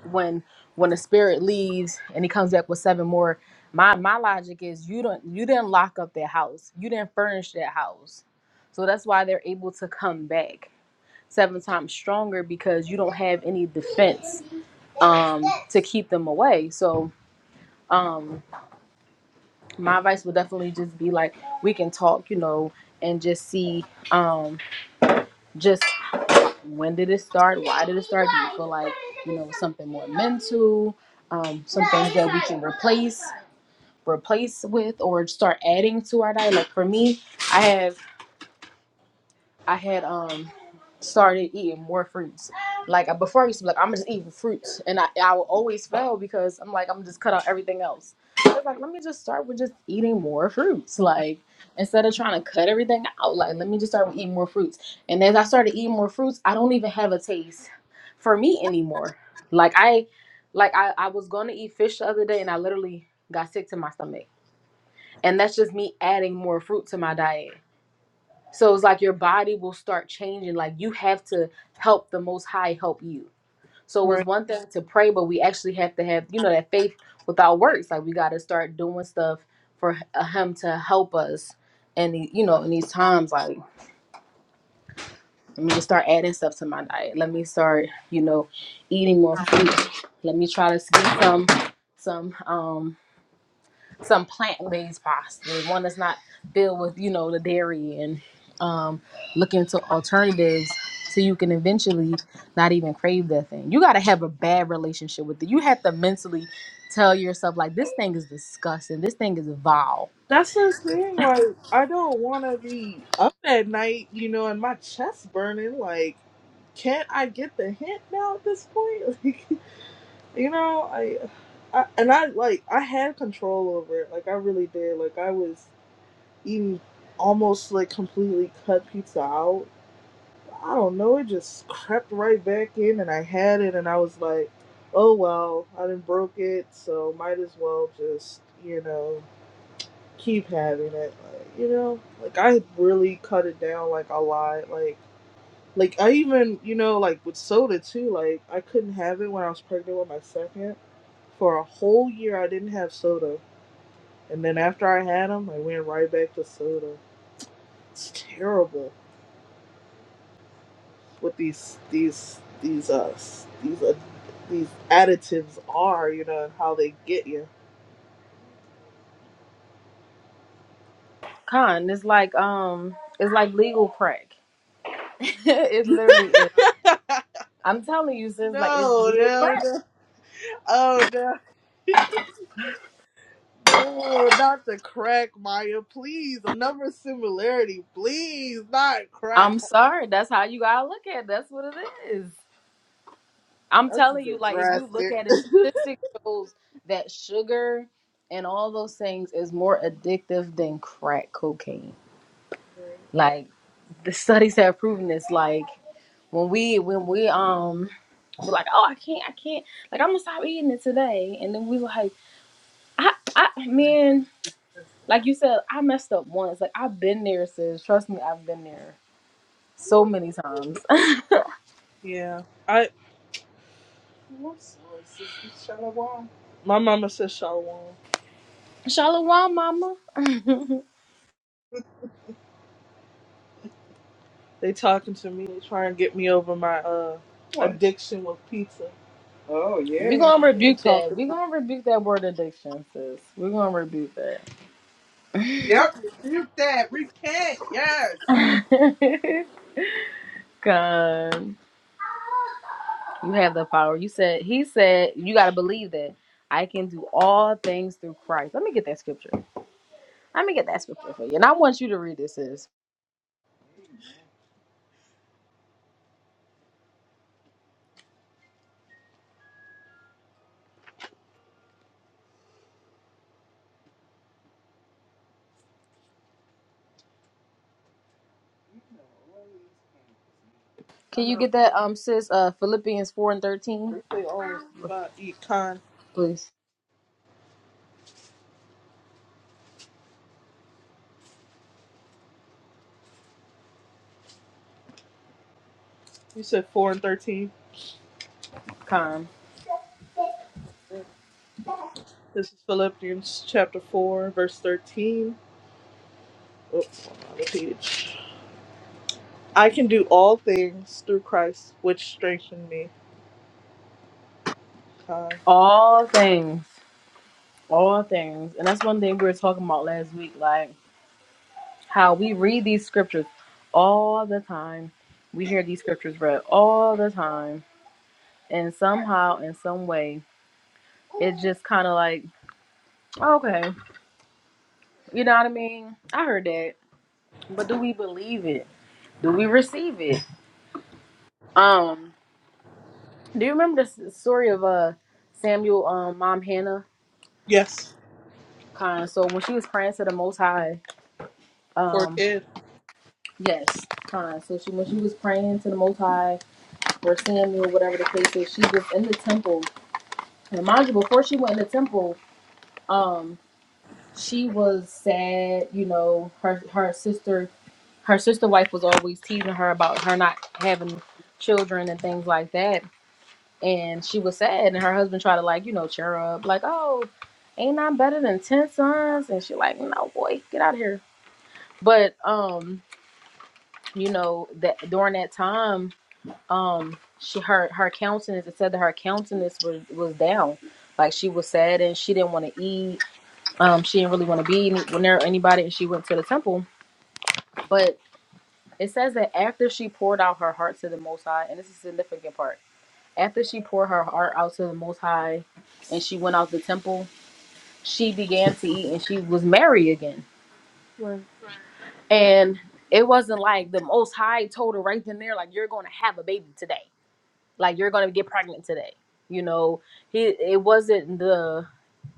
A: when when the spirit leaves and he comes back with seven more my my logic is you don't you didn't lock up that house you didn't furnish that house so that's why they're able to come back seven times stronger because you don't have any defense um to keep them away so um my advice would definitely just be like we can talk you know and just see um just when did it start? Why did it start? Do you feel like you know something more mental? Um, some things that we can replace, replace with, or start adding to our diet. Like for me, I have. I had um started eating more fruits. Like uh, before, I used to be like, I'm just eating fruits, and I I would always fail because I'm like, I'm just cut out everything else. I was like, let me just start with just eating more fruits. Like instead of trying to cut everything out, like let me just start with eating more fruits. And as I started eating more fruits, I don't even have a taste for meat anymore. Like I, like I, I was going to eat fish the other day, and I literally got sick to my stomach. And that's just me adding more fruit to my diet. So it's like your body will start changing. Like you have to help the Most High help you. So it was one thing to pray, but we actually have to have, you know, that faith without works. Like we got to start doing stuff for uh, Him to help us. And, the- you know, in these times, like, let me just start adding stuff to my diet. Let me start, you know, eating more fruit. Let me try to get some, some, um, some plant-based pasta, one that's not filled with, you know, the dairy and um look into alternatives so you can eventually not even crave that thing. You got to have a bad relationship with it. You have to mentally tell yourself like this thing is disgusting. This thing is vile.
B: That's the thing. Like, I don't want to be up at night, you know, and my chest burning. Like, can't I get the hint now at this point? Like, you know, I, I and I like I had control over it. Like, I really did. Like, I was eating almost like completely cut pizza out. I don't know. It just crept right back in, and I had it, and I was like, oh well, I didn't broke it, so might as well just you know keep having it. Like, you know, like I really cut it down like a lot. Like, like I even you know like with soda too. Like I couldn't have it when I was pregnant with my second. For a whole year, I didn't have soda, and then after I had them, I went right back to soda. It's terrible what these these these uh s- these uh, these additives are, you know, and how they get you.
A: Con, it's like um it's like legal crack. it literally is. I'm telling you sis like it's
B: No,
A: legal
B: no,
A: crack.
B: no. Oh no. No, not the crack, Maya. Please, another similarity. Please, not crack.
A: I'm sorry. That's how you got to look at it. That's what it is. I'm
B: That's a
A: telling you,
B: bit
A: like if you look
B: drastic.
A: at it, statistics shows that sugar and all those things is more addictive than crack cocaine. Like the studies have proven this. Like when we when we um we're like, oh I can't I can't like I'm gonna stop eating it today, and then we were like, I I man, like you said, I messed up once. Like I've been there, sis. Trust me, I've been there so many times.
B: yeah, I. What's Shalom? My mama says Shalom.
A: Shalom, mama.
B: They talking to me. They trying to get me over my uh What? addiction with pizza.
A: We're
B: Yeah,
A: gonna
B: I'm
A: rebuke that.
B: talking.
A: We're
B: To
A: gonna rebuke that word addiction, sis. We're gonna rebuke that.
B: Yep. refute that. Repent. Yes.
A: God. You have the power. You said he said you gotta believe that I can do all things through Christ. Let me get that scripture. Let me get that scripture for you. And I want you to read this, sis.
B: I
A: Can you
B: know.
A: get that um sis uh Philippians four and thirteen?
B: They say only spot eat con.
A: Please.
B: You said four and thirteen.
A: Come.
B: This is Philippians chapter 4, verse 13. Oops, I'm on the page. I can do all things through Christ, which strengthened me. Uh,
A: All things. All things. And that's one thing we were talking about last week, like how we read these scriptures all the time. We hear these scriptures read all the time. And somehow, in some way, it's just kind of like, okay, you know what I mean? I heard that. But do we believe it? Do we receive it? Um, do you remember the story of uh Samuel um mom Hannah?
B: yes,
A: Kind of, so when she was praying to the Most High,
B: for a
A: um,
B: kid.
A: yes, kind of. So she when she was praying to the Most High or Samuel, whatever the case is, she was in the temple And mind you, before she went in the temple, um, she was sad. You know, her her sister, her sister wife was always teasing her about her not having children and things like that. And she was sad, and her husband tried to like you know cheer her up, like, "Oh, ain't I better than ten sons?" And she like, "No, boy, get out of here." But um, you know that during that time, um, she her her countenance. It said that her countenance was was down. Like she was sad and she didn't want to eat Um, she didn't really want to be any- near anybody, and she went to the temple. But it says that after she poured out her heart to the Most High, and this is the significant part. After she poured her heart out to the Most High, and she went out the temple, she began to eat, and she was merry again.
B: Right,
A: And it wasn't like the Most High told her right then and there, like you're going to have a baby today. like you're gonna get pregnant today you know he it wasn't the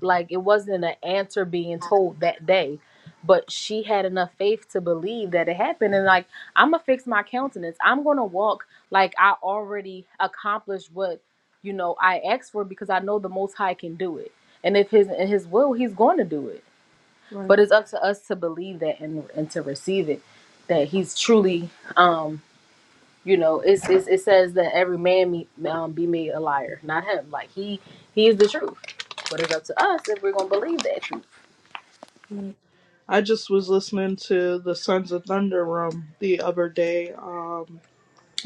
A: like it wasn't an answer being told that day but she had enough faith to believe that it happened and like i'm gonna fix my countenance i'm gonna walk like i already accomplished what you know i asked for because i know the most high can do it and if his in his will he's going to do it
B: right,
A: but it's up to us to believe that and and to receive it that he's truly um you know it's, it's it says that every man me, um, be made a liar not him like he he is the truth but it's up to us if we're gonna believe that truth
B: right. I just was listening to the Sons of Thunder room the other day, um,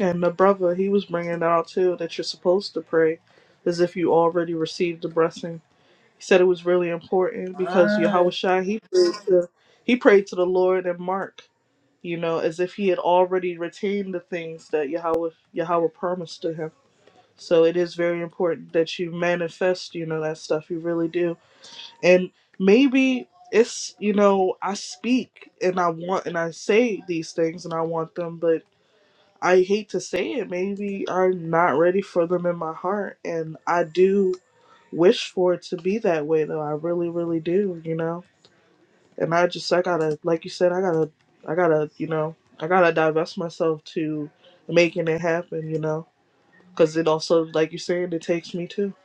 B: and my brother, he was bringing it out too that you're supposed to pray as if you already received the blessing. He said it was really important because Yahweh Shai, he prayed to, he prayed to the Lord in Mark you know, as if he had already retained the things that Yahweh Yahweh promised to him. So it is very important that you manifest, you know, that stuff. You really do. And maybe it's, you know, I speak and I want and I say these things and I want them, but I hate to say it. Maybe I'm not ready for them in my heart. And I do wish for it to be that way, though. I really, really do, you know? and I just I gotta like you said I gotta I gotta you know I gotta divest myself to making it happen you know because it also like you said it takes me too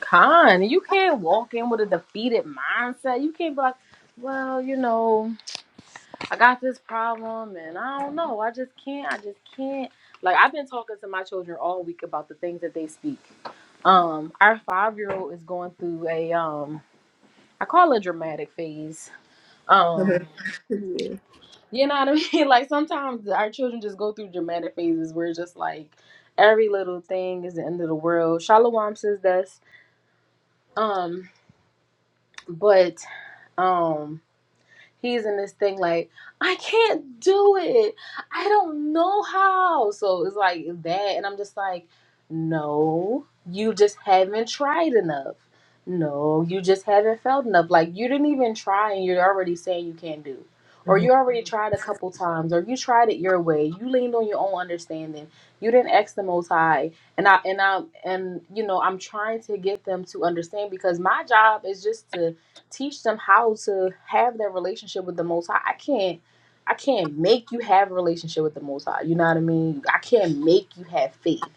A: con you can't walk in with a defeated mindset you can't be like well you know i got this problem and i don't know i just can't i just can't like i've been talking to my children all week about the things that they speak um our five year old is going through a um i call it a dramatic phase Um.
B: Mhm.
A: You know what I mean? Like sometimes our children just go through dramatic phases where it's just like every little thing is the end of the world. Shalom says this. Um, but um he's in this thing like, I can't do it. I don't know how. So it's like that. And I'm just like, no, you just haven't tried enough. No, you just haven't felt enough. Like you didn't even try and you're already saying you can't do.
B: yeah
A: Or
B: hmm
A: you already tried a couple times, or you tried it your way. You leaned on your own understanding. You didn't ask the Most High and I and I and you know I'm trying to get them to understand because my job is just to teach them how to have that relationship with the most high. I can't I can't make you have a relationship with the most high. You know what I mean? I can't make you have faith.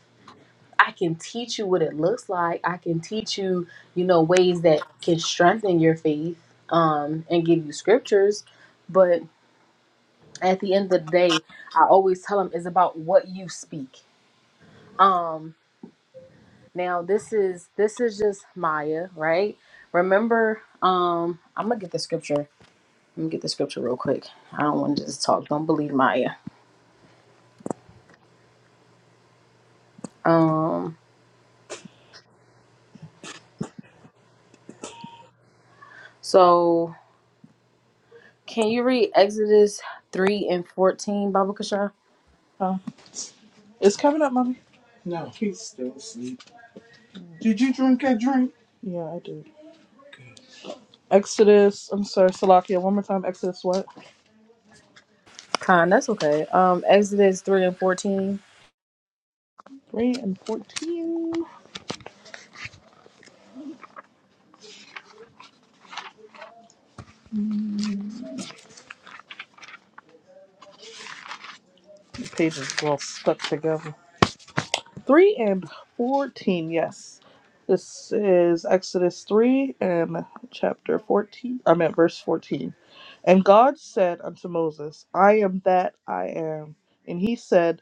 A: I can teach you what it looks like. I can teach you, you know, ways that can strengthen your faith, um, and give you scriptures. But at the end of the day, I always tell them it's about what you speak. Um, now this is this is just Maya, right? Remember, um, I'm gonna get the scripture Let me get the scripture real quick. I don't want to just talk. Don't believe Maya. Um, so can you read Exodus 3 and 14, Baba Kasha?
B: oh, it's coming up mommy yeah I do Exodus I'm sorry Salakia one more time Exodus what
A: Khan, that's okay. Um, Exodus 3 and 14,
B: three and fourteen The pages are all stuck together 3 and 14, yes. This is Exodus 3 and chapter 14. I meant verse 14. And God said unto Moses, I am that I am. And he said,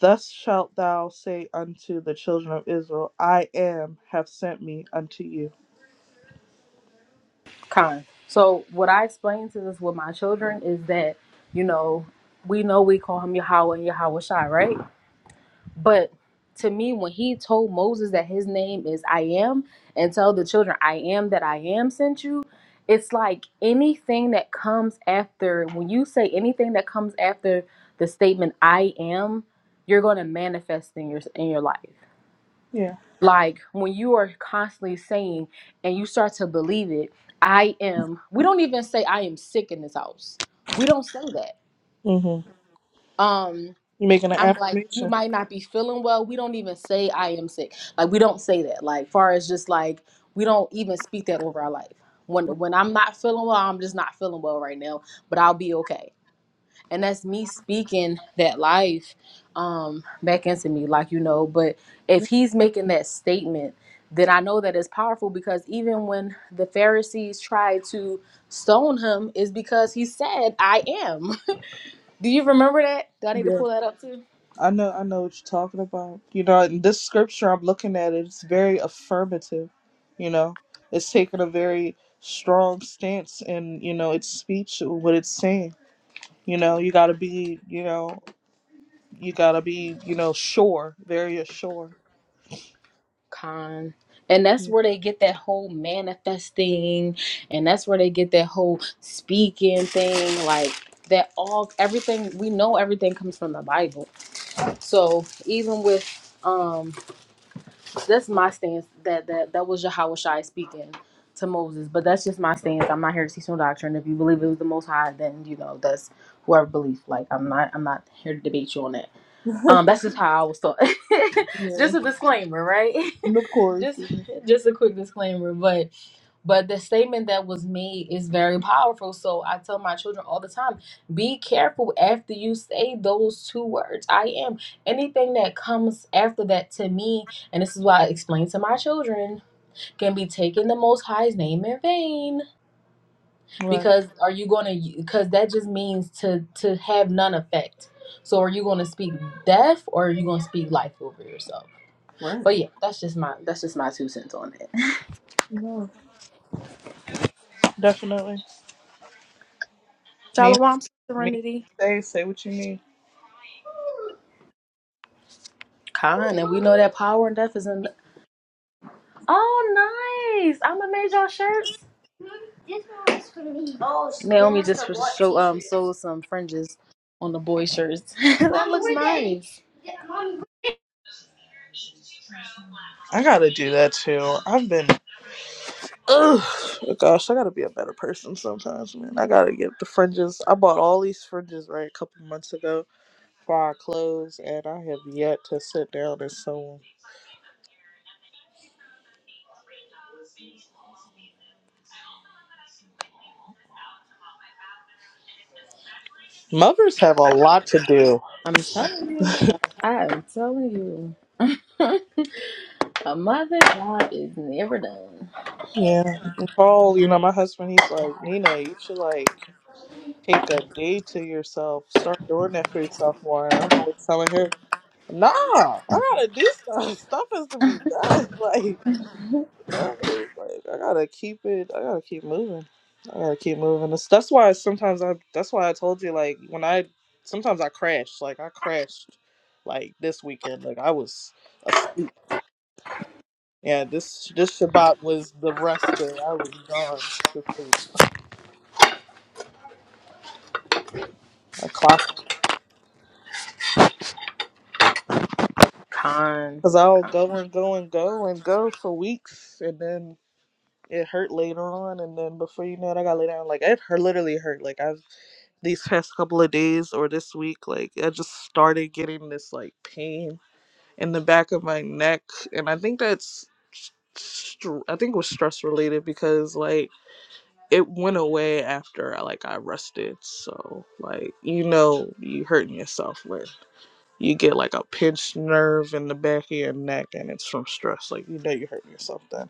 B: Thus shalt thou say unto the children of Israel, I am, have sent me unto you.
A: Khan. So what I explain to this with my children is that, you know, we know we call him Yahweh and Yahweh Shai, right? But to me, when he told Moses that his name is I am, and tell the children, I am that I am sent you, it's like anything that comes after, when you say anything that comes after the statement I am, you're going to manifest in your, in your life.
B: Yeah.
A: Like when you are constantly saying and you start to believe it, I am, we don't even say I am sick in this house. We don't say that.
B: hmm You're
A: Um.
B: making an
A: I'm like, you
B: affirmation.
A: might not be feeling well. We don't even say I am sick. Like we don't say that. Like far as just like we don't even speak that over our life. When when I'm not feeling well, I'm just not feeling well right now, but I'll be okay. And that's me speaking that life um back into me, like you know. But if he's making that statement, then I know that it's powerful because even when the Pharisees tried to stone him, is because he said, I am. Do you remember that? Do I need to
B: Yeah.
A: pull that up too?
B: I know, I know what you're talking about. You know, in this scripture I'm looking at it, it's very affirmative. You know, it's taking a very strong stance in you know its speech, what it's saying. You know, you gotta be, you know, you gotta be, you know, sure, very assured.
A: Con. And that's
B: Yeah,
A: where they get that whole manifesting and that's where they get that whole speaking thing like that all everything we know everything comes from the Bible. So even with um that's my stance that that that was Yahweh Shai speaking to Moses, but that's just my stance. I'm not here to teach no doctrine. If you believe it was the most high, then you know that's whoever believes. Like I'm not I'm not here to debate you on that. Um, that's just how I was taught.
B: yeah,
A: just a disclaimer, right?
B: and of course.
A: just
B: yeah.
A: just a quick disclaimer, but but the statement that was made is very powerful. So I tell my children all the time, be careful after you say those two words. I am. Anything that comes after that to me, and this is why I explain to my children, can be taken the most high's name in vain
B: Right,
A: because are you going to because that just means to to have none effect so are you going to speak death or are you going to speak life over yourself
B: right.
A: but yeah that's just my that's just my two cents on that
B: No, definitely. Me,
A: shalom
B: me.
A: serenity
B: Say, say what you mean.
A: Khan, and we know that power and death is in oh nice i'm gonna make y'all shirts naomi just for show um sold some fringes on the boy shirts that looks nice
B: I gotta do that too. I've been Ugh, gosh, I gotta be a better person sometimes, man. I gotta get the fringes. I bought all these fringes right a couple months ago for our clothes, and I have yet to sit down and sew 'em. Mothers have a lot to do.
A: i'm telling you i'm telling you A mother's job is never done.
B: Yeah, and Paul, you know my husband. He's like, Nina, you should like take a day to yourself. Start doing that for yourself more. And I'm always telling her, Nah, I gotta do stuff. Stuff has to be done. Like. No, like I gotta keep it. I gotta keep moving. I gotta keep moving. That's, that's why sometimes I. That's why I told you like when I sometimes I crash. Like I crashed, like this weekend. Like I was asleep. Yeah, this this Shabbat was the rest day. I was gone to sleep. I clocked out
A: Con,
B: because I'll
A: con,
B: go and go and go and go for weeks, and then it hurt later on, and then before you know it, I got laid down. Like it hurt, literally hurt. Like I these past couple of days or this week, like I just started getting this like pain in the back of my neck, and I think that's str- I think it was stress related because like it went away after like I rested. So like you know you hurting yourself when you get like a pinched nerve in the back of your neck and it's from stress. Like you know you're hurting yourself then.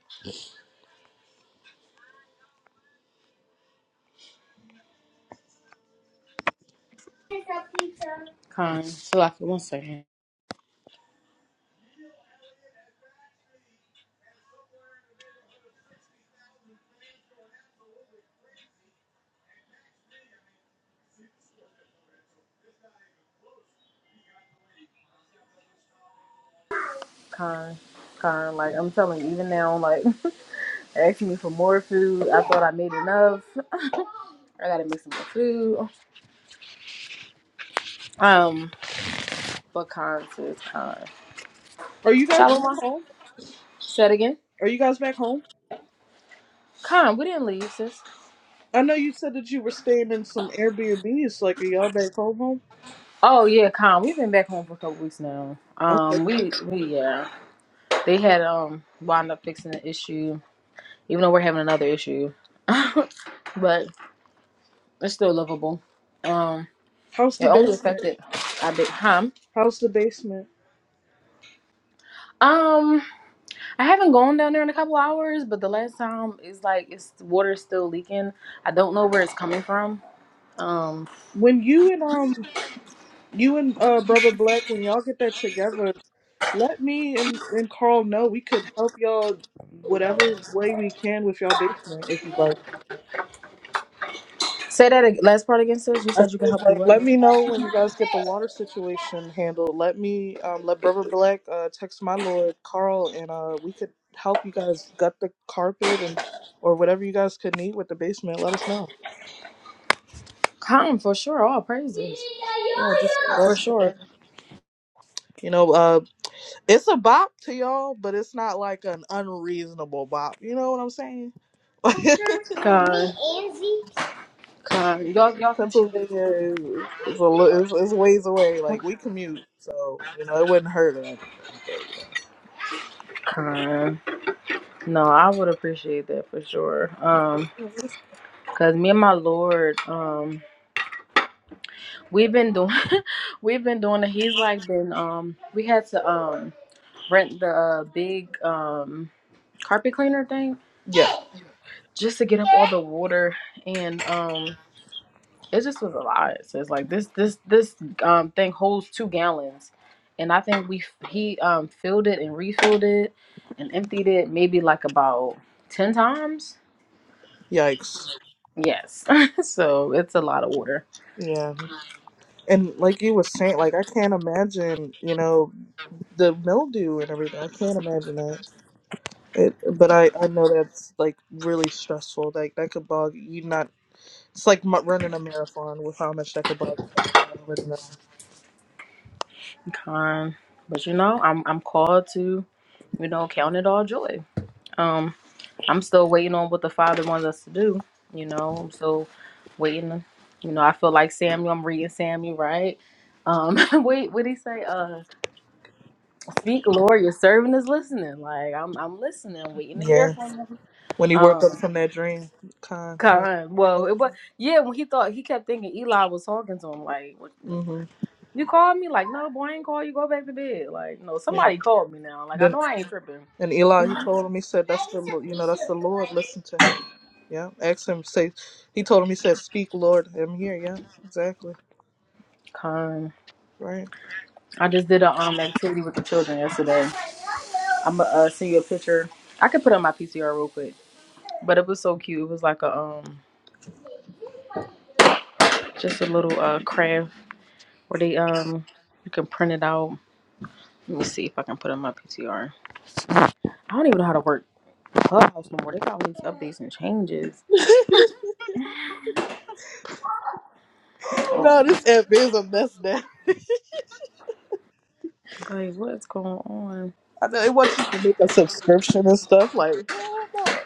A: con. Chill out for one second. Con, con. Like I'm telling you, even now, like they're asking me for more food. I thought I made enough. I gotta make some more food. Um, but con sis, con.
B: Are you guys back
A: Shalom,
B: home?
A: say it again.
B: Are you guys back home?
A: Con, we didn't leave, sis.
B: I know you said that you were staying in some Airbnbs. Like are y'all back home
A: Oh yeah, Con. We've been back home for a couple weeks now.
B: home?
A: Um, we we yeah. They had um wound up fixing the issue, even though we're having another issue. but it's still lovable. Um,
B: How's
A: it
B: the
A: only
B: basement?
A: affected a bit, huh?
B: How's the basement?
A: Um, I haven't gone down there in a couple hours, but the last time it's like it's water's still leaking. I don't know where it's coming from. Um,
B: When you and um you and uh brother Black, when y'all get that together, let me and and Carl know we could help y'all whatever way we can with y'all basement if you'd like.
A: say that ag- last part again, sis. You
B: I
A: said you can
B: said
A: help do
B: like
A: what?
B: let me know when you guys get the water situation handled. Let me um let brother Black uh text my lord Carl and uh we could help you guys gut the carpet and or whatever you guys could need with the basement. Let us know.
A: Come for sure. All praises.
B: Yeah, just let
A: For sure.
B: you know. uh. It's a bop to y'all, but it's not like an unreasonable bop. You know what I'm saying?
A: Con. Con. Y'all, y'all can share.
B: Pennsylvania is, is is a li- is, is ways away. Like we commute, so you know it wouldn't hurt or anything. But
A: Con. No, I would appreciate that for sure. Um,
B: yeah,
A: cause me and my Lord, um, we've been doing, we've been doing it. He's like been, um, we had to um rent the uh, big um carpet cleaner thing
B: yeah,
A: just to get up all the water, and um, it just was a lot. So it's like this, this, this um thing holds two gallons, and I think we he um filled it and refilled it and emptied it maybe like about ten times
B: yikes.
A: Yes. so it's a lot of water.
B: Yeah, and like you were saying, like I can't imagine, you know, the mildew and everything. I can't imagine that. It, but I I know that's like really stressful. Like that could bog you. Not it's like mu- running a marathon with how much that could bog you down. I already know.
A: Con. But you know, I'm I'm called to, you know, count it all joy. Um, I'm still waiting on what the Father wants us to do. You know, I'm still waiting. You know, I feel like Samuel. I'm reading Samuel, right? Um, wait, what did he say? Uh, speak, Lord, your servant is listening. Like I'm, I'm listening, waiting to
B: Yeah.
A: hear from him.
B: when he woke
A: Um,
B: up from that dream. Kind, yeah.
A: Con. Well,
B: Nope.
A: it was yeah. When he thought he kept thinking Eli was talking to him, like what?
B: Mm-hmm.
A: You called me like, no, boy, I ain't call you. Go back to bed. Like, no,
B: Yeah.
A: somebody called me now. Like, I
B: Then
A: know I ain't tripping.
B: and Eli, he told him, he said, "That's the Lo- you know, that's the Lord. Listen to him. Yeah. Ask him. Say, he told him, he said, "Speak, Lord, I'm here." Yeah, exactly.
A: Con.
B: Right.
A: I just did a um activity with the children yesterday. I'm gonna uh, send you a picture. I could put it on my PCR real quick, but it was so cute. It was like a um just a little uh craft where they um you can print it out. Let me see if I can put it on my PCR. I don't even know how to work Clubhouse no more. They got all these updates and changes. Oh,
B: No, this app is a mess now.
A: like what's going on?
B: I know it wants you to make a subscription and stuff. Like, hell no.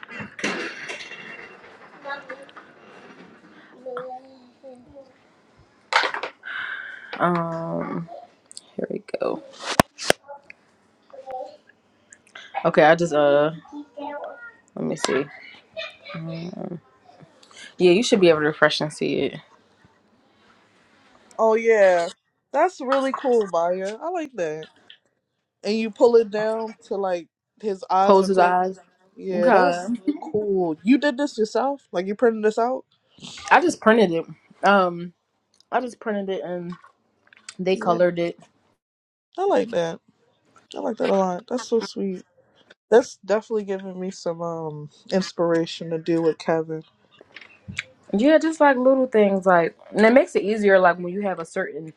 A: Um, here we go. Okay, I just uh, let me see. Yeah, you should be able to refresh and see it.
B: Oh yeah, that's really cool, Maya. I like that. And you pull it down to like his eyes
A: Close
B: are
A: his
B: closed.
A: eyes.
B: Yeah, that is
A: Okay.
B: so cool. You did this yourself? Like you printed this out?
A: I just printed it. Um, I just printed it and they
B: Yeah.
A: colored it.
B: I like that. I like that a lot. That's so sweet. That's definitely giving me some um inspiration to deal with Kevin.
A: Yeah, just like little things like, and it makes it easier. Like when you have a certain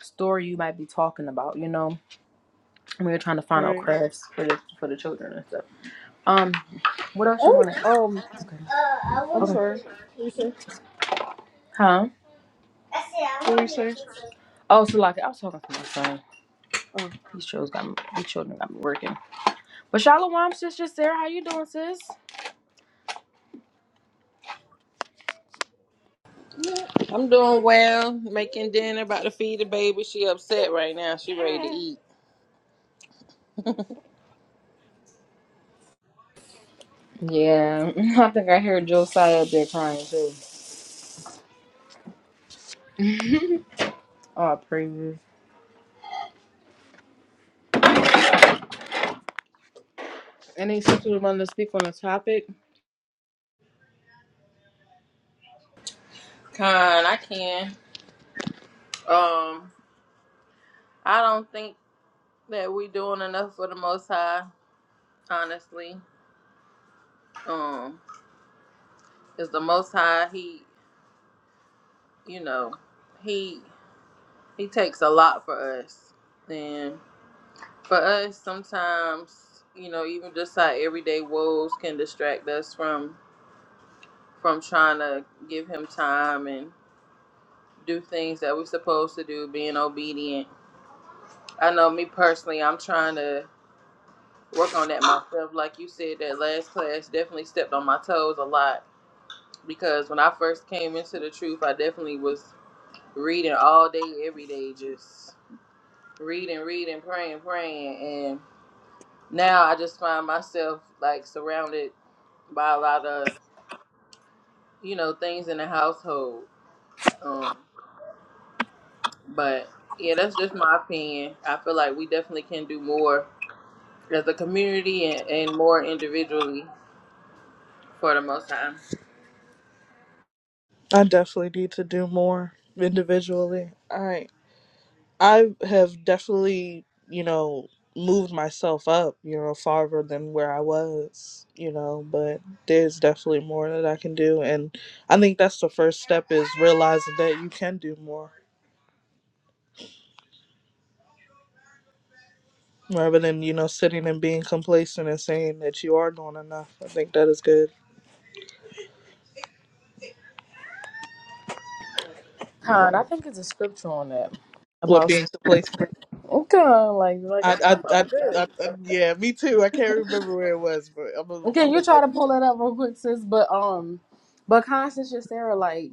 A: story you might be talking about, you know, when you're trying to find out
B: Right.
A: crafts for the for the children and stuff. Um, what else you
B: Oh,
A: want? Okay.
B: um, I'm
A: okay.
B: sorry. What were you say?
A: Huh?
B: What were you saying?
A: Oh, so like I was talking to my son.
B: Oh,
A: These children got me, these children got me working. But Shalom, sister Sarah, how you doing, sis?
D: I'm doing well, making dinner, about to feed the baby. She upset right now. She ready to eat.
A: Yeah, I think I heard Josiah up there crying too. Oh, praise. Any sister wanting to speak on the topic?
D: Con, I can. Um, I don't think that we doing enough for the Most High. Honestly, um, is the Most High. He, you know, he he takes a lot for us, and for us sometimes. You know, even just our everyday woes can distract us from from trying to give him time and do things that we're supposed to do, being obedient. I know me personally, I'm trying to work on that myself. Like you said, that last class definitely stepped on my toes a lot because when I first came into the truth, I definitely was reading all day, every day, just reading, reading, praying, praying. And now I just find myself like surrounded by a lot of, you know, things in the household. Um, but yeah, that's just my opinion. I feel like we definitely can do more as a community and, and more individually for the most time.
B: I definitely need to do more individually. I I have definitely you know moved myself up you know farther than where I was you know, but there's definitely more that I can do, and I think that's the first step is realizing that you can do more. rather than you know sitting and being complacent and saying that you are doing enough. I think that is good.
A: Con, I think it's a scripture on that
B: What
A: about
B: being complacent?
A: okay, like like
B: I,
A: I'm
B: I,
A: I'm,
B: I,
A: I'm good.
B: I, I yeah, me too. I can't remember where it was, but I was, I
A: Okay, you
B: was
A: try
B: like,
A: to pull that up real quick, sis. But um, but Constance, just Sarah, like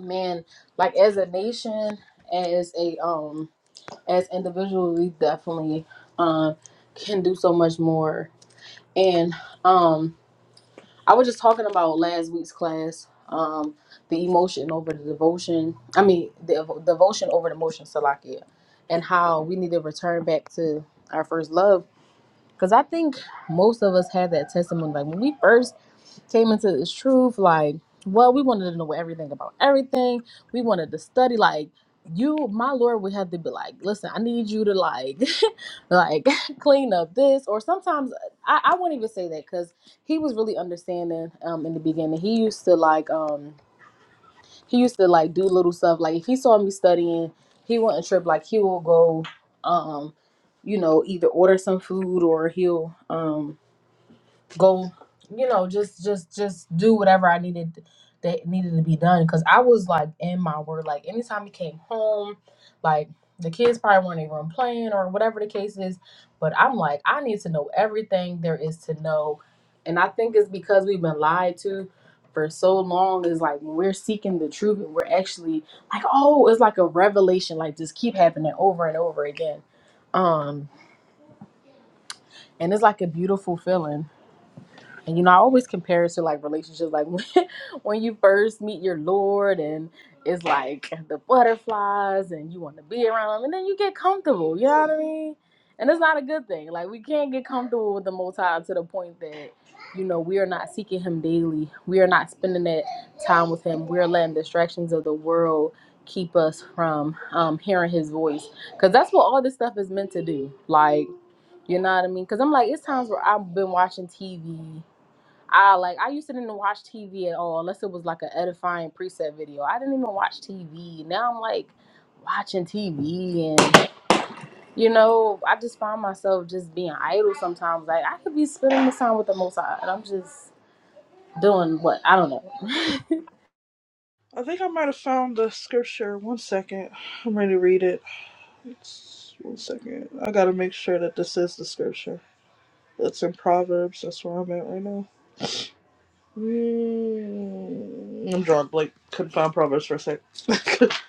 A: man, like as a nation, as a um as individuals, we definitely um, can do so much more. And um, I was just talking about last week's class, um, the emotion over the devotion. I mean, the evo- devotion over the motion, Salakia, and how we need to return back to our first love. Because I think most of us had that testimony. Like when we first came into this truth like well we wanted to know everything about everything we wanted to study like you my lord would have to be like listen i need you to like like clean up this or sometimes uh, i, I won't even say that because he was really understanding um in the beginning he used to like um he used to like do little stuff like if he saw me studying he wouldn't trip like he will go um you know either order some food or he'll um go you know just just just do whatever i needed that needed to be done because i was like in my word like anytime he came home like the kids probably weren't even playing or whatever the case is but i'm like i need to know everything there is to know and i think it's because we've been lied to for so long is like when we're seeking the truth we're actually like oh it's like a revelation like just keep happening over and over again um and it's like a beautiful feeling and you know, I always compare it to like relationships, like when, when you first meet your Lord, and it's like the butterflies, and you want to be around him, and then you get comfortable. You know what I mean? And it's not a good thing. Like we can't get comfortable with the Most High to the point that you know we are not seeking Him daily. We are not spending that time with Him. We're letting distractions of the world keep us from um, hearing His voice, because that's what all this stuff is meant to do. Like you know what I mean? Because I'm like, it's times where I've been watching TV I like I used to didn't watch TV at all unless it was like an edifying preset video. I didn't even watch TV. Now I'm like watching TV and you know I just find myself just being idle sometimes. Like I could be spending this time with the Most High and I'm just doing what I don't know.
B: I think I might have found the scripture. One second, I'm ready to read it. It's, one second, I gotta make sure that this is the scripture. It's in Proverbs. That's where I'm at right now. Mm, I'm drawing blank. Couldn't find Proverbs for a sec. okay,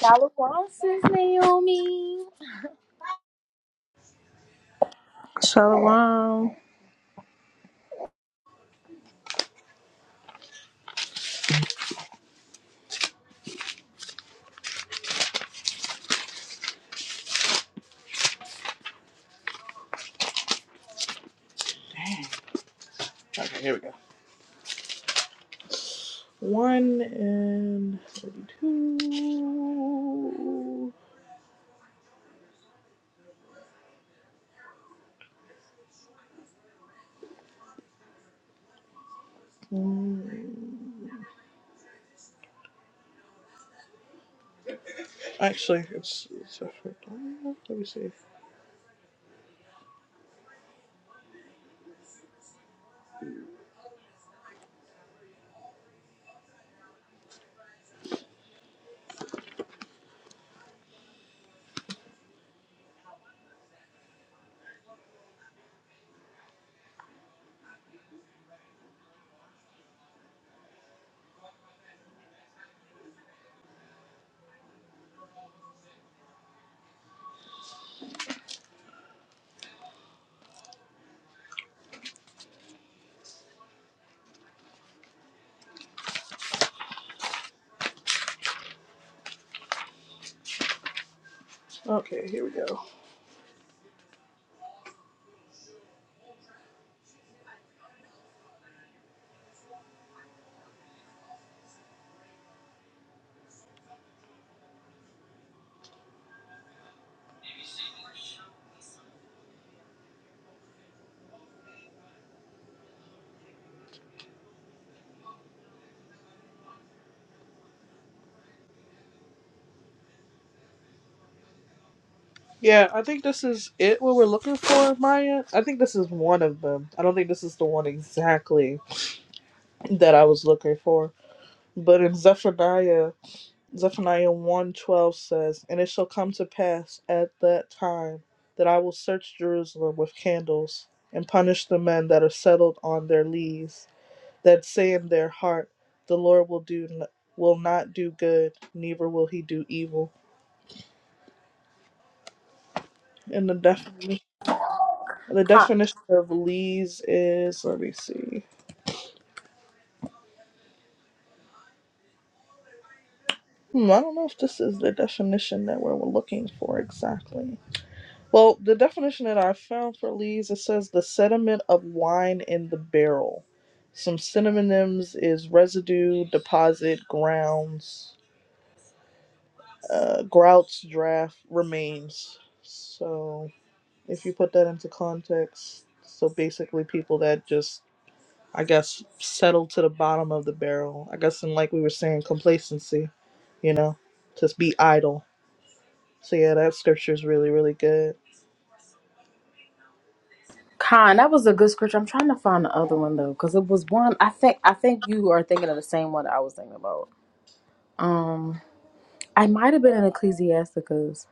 A: Shallow Francis Naomi.
E: Shalom.
B: here we go. 1 and 32. Mm. Actually, it's, it's a, let me see. Okay, here we go. Yeah, I think this is it. What we're looking for, Maya. I think this is one of them. I don't think this is the one exactly that I was looking for. But in Zephaniah. Zephaniah 1:12 says, "And it shall come to pass at that time that I will search Jerusalem with candles and punish the men that are settled on their lees, that say in their heart, the Lord will do will not do good, neither will he do evil." And the definition the
A: Con,
B: definition of lees is let me see. Hmm, I don't know if this is the definition that we're looking for exactly. Well, the definition that I found for lees it says the sediment of wine in the barrel. Some synonyms is residue, deposit, grounds, uh, grouts, draft, remains. So if you put that into context, so basically people that just I guess settle to the bottom of the barrel. I guess and like we were saying, complacency. You know, just be idle. So yeah, that scripture is really really good.
A: Con, that was a good scripture. I'm trying to find the other one though, because it was one. I think I think you are thinking of the same one I was thinking about. Um, I might have been in Ecclesiasticus.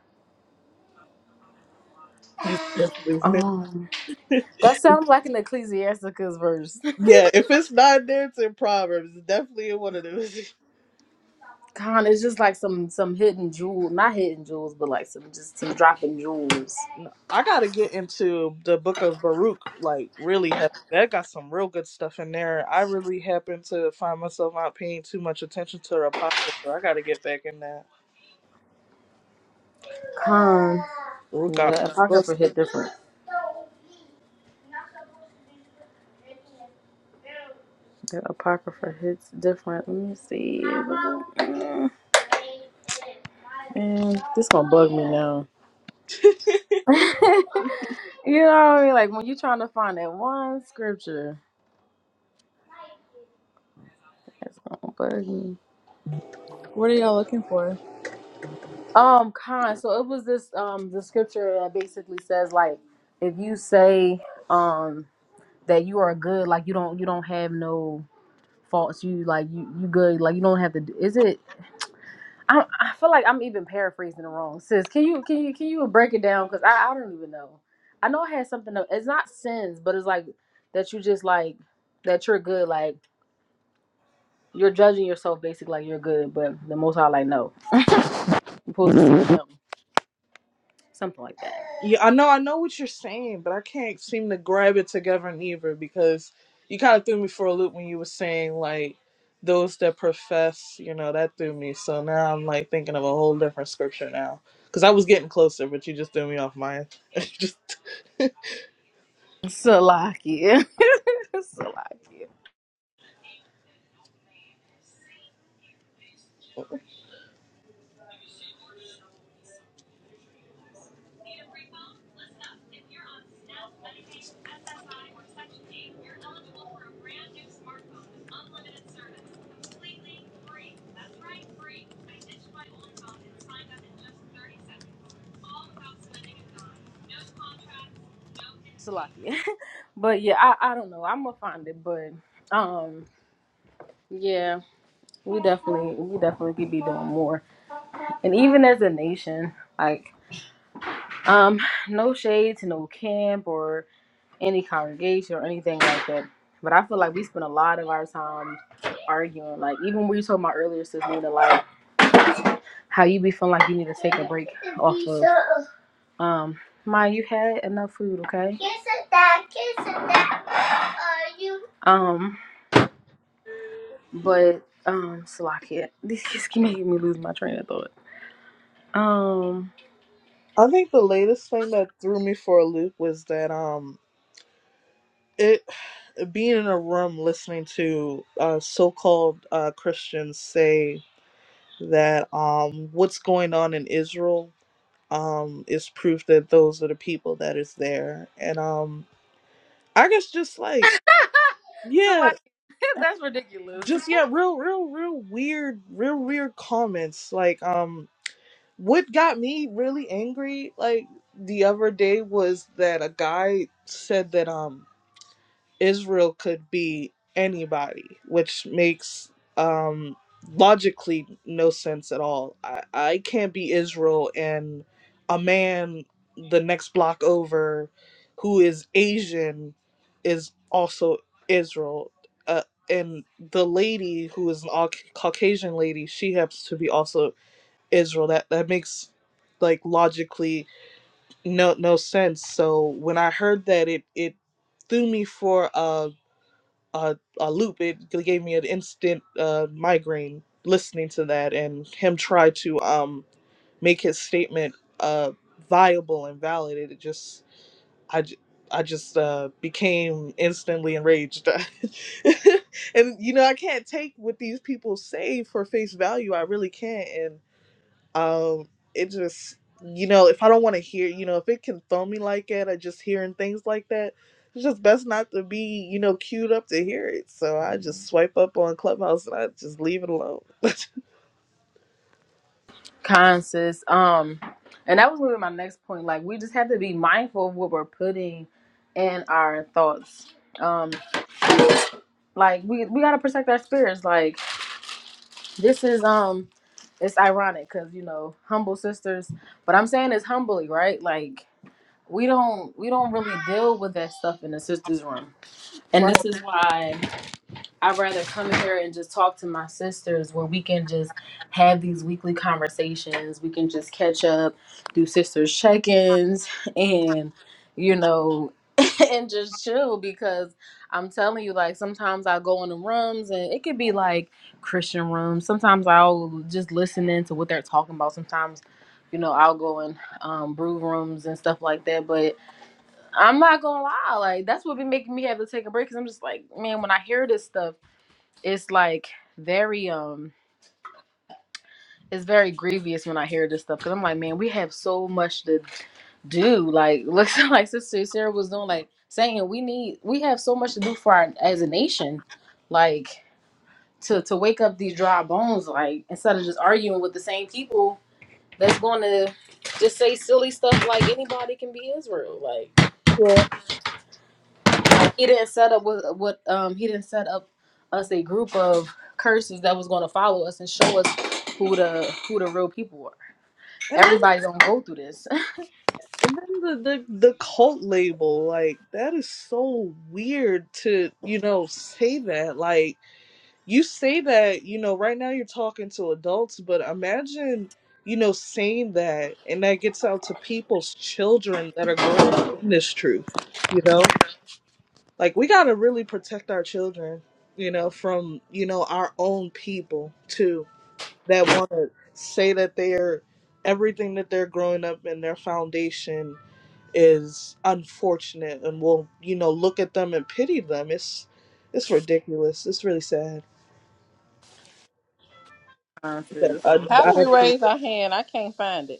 B: It's definitely
A: Um, that sounds like an Ecclesiasticus verse.
B: Yeah, if it's not there, it's in Proverbs. It's definitely in one of those.
A: Con, it's just like some some hidden jewel, not hidden jewels, but like some just some dropping jewels.
B: No, I gotta get into the book of Baruch, like really heavy. That got some real good stuff in there. I really happen to find myself not paying too much attention to the apocrypha. I gotta get back in that.
A: Con,
B: Baruch
A: yeah,
B: got
A: that
B: good
A: apocrypha hit different. The apocrypha hits different. Let me see. Mm, Man, this gonna bug me now.
B: stuff.
A: you know what I mean? Like when you're trying to find that one scripture. That's gonna bug
E: What are y'all looking for?
A: Um, Khan. So it was this um the scripture that basically says like if you say um that you are good, like you don't you don't have no faults, you like you you good, like you don't have to. do- Is it? I I feel like I'm even paraphrasing it wrong. Sis, can you can you can you break it down? Cause I I don't even know. I know I had something. Of, it's not sins, but it's like that you just like that you're good, like. You're judging yourself basically like you're good, but the most high like no. You're supposed to do him. something like that.
B: Yeah, I know, I know what you're saying, but I can't seem to grab it together neither because you kind of threw me for a loop when you were saying like those that profess, you know, that threw me. So now I'm like thinking of a whole different scripture now because I was getting closer, but you just threw me off mine. just,
A: Salakia. Salakia. Salakia. But yeah, I, I don't know. I'm gonna find it, but um yeah, we definitely we definitely could be doing more. And even as a nation, like um no shade to no camp or any congregation or anything like that. But I feel like we spend a lot of our time arguing. Like even we were talking about earlier, Sister Nina, like how you be feeling like you need to take a break off of Um, Ma, you had enough food, okay? Kiss it, Dad. Kiss it, Dad. Are you? Um, but um, Salakia, these kids keep making me lose my train of thought. Um,
B: I think the latest thing that threw me for a loop was that um it being in a room listening to uh so-called uh Christians say that um what's going on in Israel um is proof that those are the people that is there and um i guess just like yeah
A: Salakia, that's ridiculous.
B: just yeah real real real weird real weird comments like um what got me really angry like the other day was that a guy said that um Israel could be anybody, which makes um, logically no sense at all. I, I can't be Israel and a man the next block over who is Asian is also Israel. Uh, and the lady who is an all Caucasian lady, she happens to be also Israel. That that makes like logically no no sense. So when I heard that, it it threw me for a a, a loop. It gave me an instant uh, migraine listening to that, and him try to um, make his statement uh, viable and valid. It just, I, j- I just uh, became instantly enraged. and you know, I can't take what these people say for face value. I really can't um it just you know if i don't want to hear you know if it can throw me like that i just hearing things like that it's just best not to be you know queued up to hear it so i just swipe up on clubhouse and i just leave it alone
A: Conscious. Um, and that was gonna be my next point. Like, we just have to be mindful of what we're putting in our thoughts. Um, like we we gotta protect our spirits. Like. This is um, it's ironic because you know humble sisters, but I'm saying it's humbly right. Like we don't we don't really deal with that stuff in the sisters room, and
B: Right.
A: this is why. I'd rather come here and just talk to my sisters where we can just have these weekly conversations. We can just catch up, do sisters check ins, and, you know, and just chill because I'm telling you, like, sometimes I go in the rooms and it could be like Christian rooms. Sometimes I'll just listen in to what they're talking about. Sometimes, you know, I'll go in um, brew rooms and stuff like that. But I'm not going to lie, like, that's what be making me have to take a break because I'm just like, man, when I hear this stuff, it's like very um it's very grievous when I hear this stuff because I'm like, man, we have so much to do. Like, looks like Sister Sarah was doing, like saying we need, we have so much to do for our as a nation, like to to wake up these dry bones, like instead of just arguing with the same people that's going to just say silly stuff like anybody can be Israel, like
B: Yeah.
A: He didn't set up with what um he didn't set up us a group of curses that was going to follow us and show us who the who the real people were.
B: and then
A: Everybody don't go through this.
B: and then the, the the cult label like that is so weird to you know say that like. you say that you know right now you're talking to adults but imagine you know saying that and that gets out to people's children that are growing up in this truth you know like we got to really protect our children you know from you know our own people too that want to say that they're everything that they're growing up in their foundation is unfortunate and will you know look at them and pity them it's it's ridiculous it's really sad that
A: nonsense.
B: I,
D: How do
B: I
D: we raise our hand? I can't find it.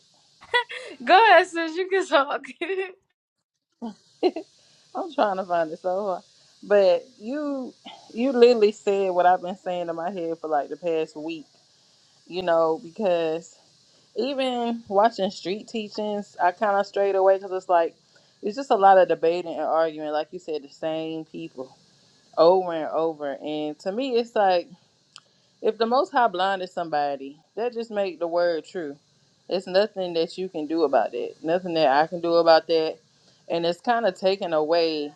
A: Go ahead, sis. You can talk.
D: I'm trying to find it so hard. But you you literally said what I've been saying in my head for like the past week, you know, because even watching street teachings, I kind of strayed away because it's like, it's just a lot of debating and arguing, like you said, the same people over and over. And to me, it's like, If the Most High blinded somebody, that just make the word true. It's nothing that you can do about that. Nothing that I can do about that. And it's kind of taken away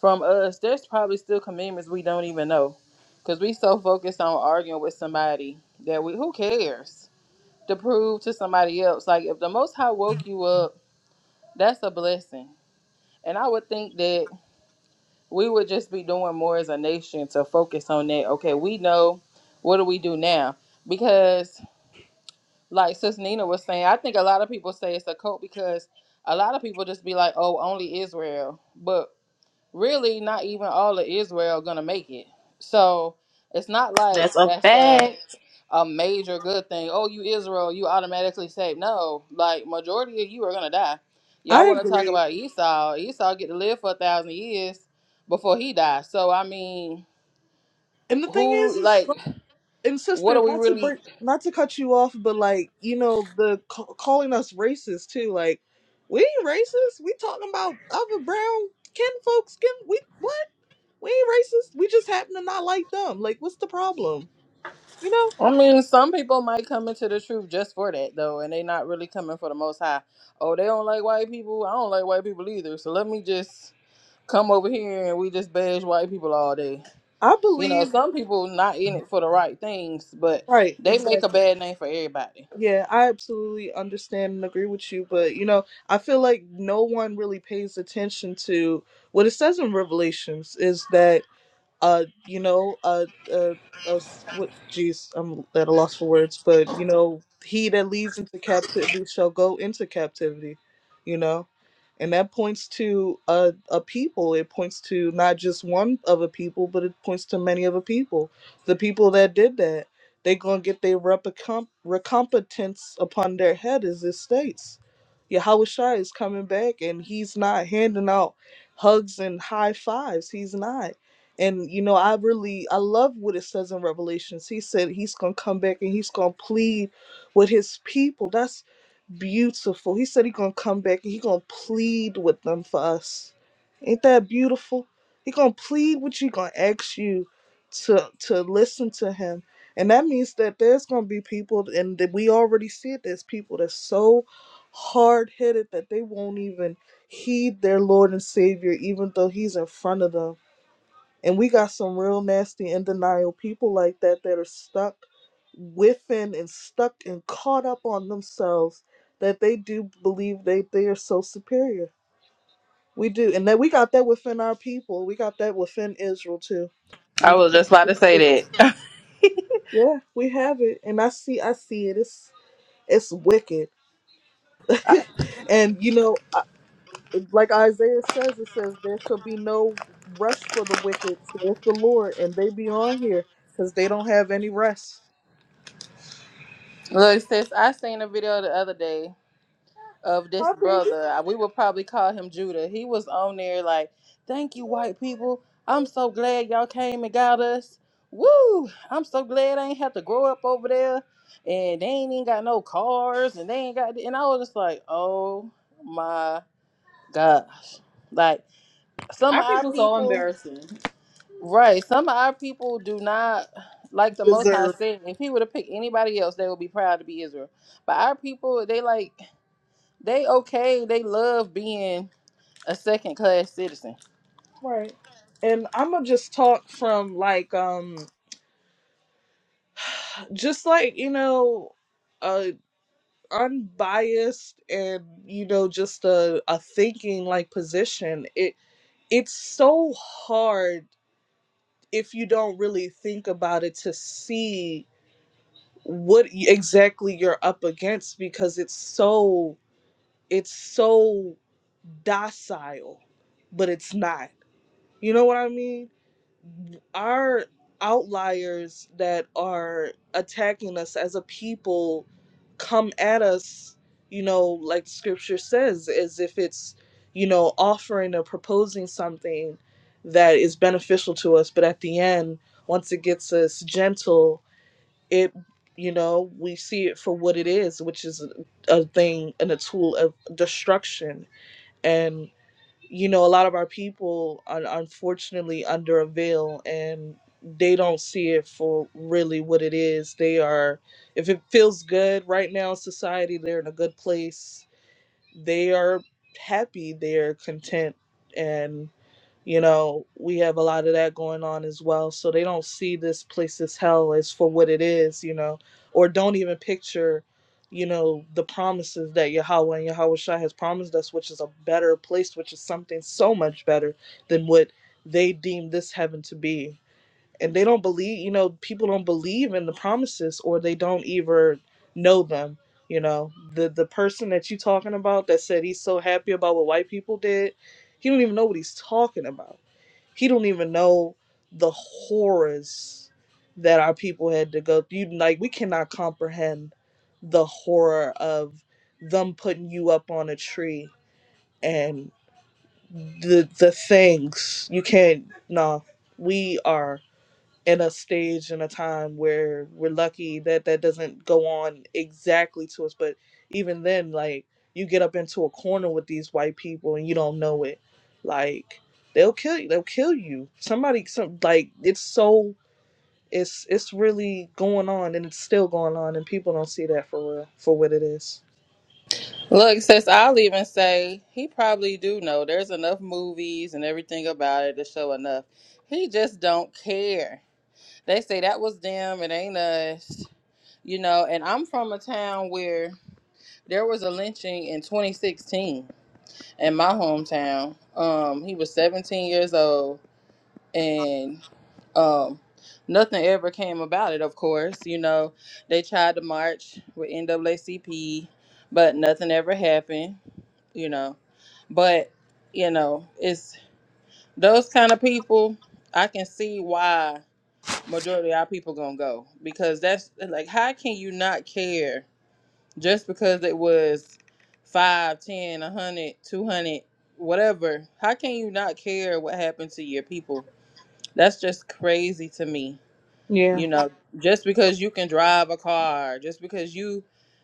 D: from us. There's probably still commandments we don't even know, because we so focused on arguing with somebody that we who cares to prove to somebody else. Like if the Most High woke you up, that's a blessing. And I would think that we would just be doing more as a nation to focus on that. Okay, we know. What do we do now? Because like Sis Nina was saying, I think a lot of people say it's a cult because a lot of people just be like, "Oh, only Israel," but really, not even all of Israel gonna make it. So it's not like
A: That's a
D: that's a
A: fact.
D: a major good thing. Oh, you Israel, you automatically saved. No, like majority of you are gonna die.
B: I
D: Y'all want to talk
B: agree.
D: about Esau? Esau get to live for a thousand years before he dies. So I mean,
B: And the thing is,
D: who
B: is
D: like?
B: and
D: What
B: sister,
D: are we
B: not to
D: really?
B: break, not to cut you off, but like you know, the ca- calling us racist too. Like, we ain't racist. We talking about other brown kin folks. Skin, we what? We ain't racist. We just happen to not like them. Like, what's the problem? You know?
D: I mean, some people might come into the truth just for that though, and they not really coming for the most high. Oh, they don't like white people. I don't like white people either. So let me just come over here and we just bash white people all day.
B: I
D: You know,
B: believe.
D: some people not in it for the right things, but
B: Right.
D: they make a
B: Exactly.
D: bad name for everybody.
B: Yeah, I absolutely understand and agree with you, but you know, I feel like no one really pays attention to what it says in Revelations is that uh you know uh uh uh what jeez i'm at a loss for words but you know he that leads into captivity shall go into captivity you know and that points to a, a people it points to not just one of a people but it points to many of a people the people that did that they gonna get their recomp- recompetence upon their head as it states Yahweh Shai is coming back and he's not handing out hugs and high fives he's not and you know i really i love what it says in revelations he said he's gonna come back and he's gonna plead with his people that's beautiful he said he's gonna come back and he's gonna plead with them for us ain't that beautiful He gonna plead with you gonna ask you to to listen to him and that means that there's gonna be people and that we already see it there's people that's so hard-headed that they won't even heed their lord and savior even though he's in front of them and we got some real nasty in denial people like that that are stuck within and stuck and caught up on themselves that they do believe they, they are so superior. We do. And that we got that within our people. We got that within Israel too.
D: I
B: And
D: was
B: you
D: just about to
B: can-
D: say that.
B: yeah, we have it. And I see I see it. It's it's wicked. and you know like Isaiah says, it says, There shall be no rest for the wicked, saith the Lord, and they be on here because they don't have any rest.
D: look, sis, I seen a video the other day. of this
B: My baby.
D: brother. I- We would probably call him Judah. He was on there like, "Thank you, white people. I'm so glad y'all came and got us. Woo! I'm so glad I ain't have to grow up over there, and they ain't even got no cars, and they ain't got." And I was just like, "Oh my gosh!" Like some
A: Our
D: of our
A: people so
D: people,
A: embarrassing.
D: right? Some of our people do not. Like the Most High
B: Deserve.
D: said, if He would have picked anybody else, they would be proud to be Israel. But our people, they like they okay. They love being a second class citizen.
B: Right. And I'm going to just talk from like, um, just like, you know, uh, unbiased and, you know, just a, a thinking like position. It It's so hard if you don't really think about it to see what exactly you're up against because it's so it's so docile but it's not you know what i mean our outliers that are attacking us as a people come at us you know like scripture says as if it's you know offering or proposing something that is beneficial to us but at the end once it gets us gentle it you know we see it for what it is which is a, a thing and a tool of destruction and you know a lot of our people are unfortunately under a veil and they don't see it for really what it is they are if it feels good right now in society they're in a good place they are happy they're content And you know we have a lot of that going on as well so they don't see this place as hell as for what it is you know or don't even picture you know the promises that yahweh and yahweh Shai has promised us which is a better place which is something so much better than what they deem this heaven to be and they don't believe you know people don't believe in the promises or they don't even know them you know the the person that you talking about that said he's so happy about what white people did he don't even know what he's talking about he don't even know the horrors that our people had to go through. Like we cannot comprehend the horror of them putting you up on a tree and the the things you can't. Nah, we are. In a stage and a time where we're lucky that that doesn't go on exactly to us but even then like you get up into a corner with these white people and you don't know it like they'll kill you they'll kill you somebody some like it's so it's it's really going on and it's still going on and people don't see that for real for what it is
D: Look, sis. I'll even say he probably do know. There's enough movies and everything about it to show enough. He just don't care. They say that was them. It ain't us. You know, and I'm from a town where there was a lynching in 2016 in my hometown. Um, he was 17 years old and um nothing ever came about it of course you know they tried to march with naacp but nothing ever happened you know but you know it's those kind of people i can see why majority of our people gonna go because that's like how can you not care just because it was 5, 10, a hundred, two hundred, whatever how can you not care what happened to your people that's just crazy to me.
B: yeah
D: You know, just because you can drive a car, just because you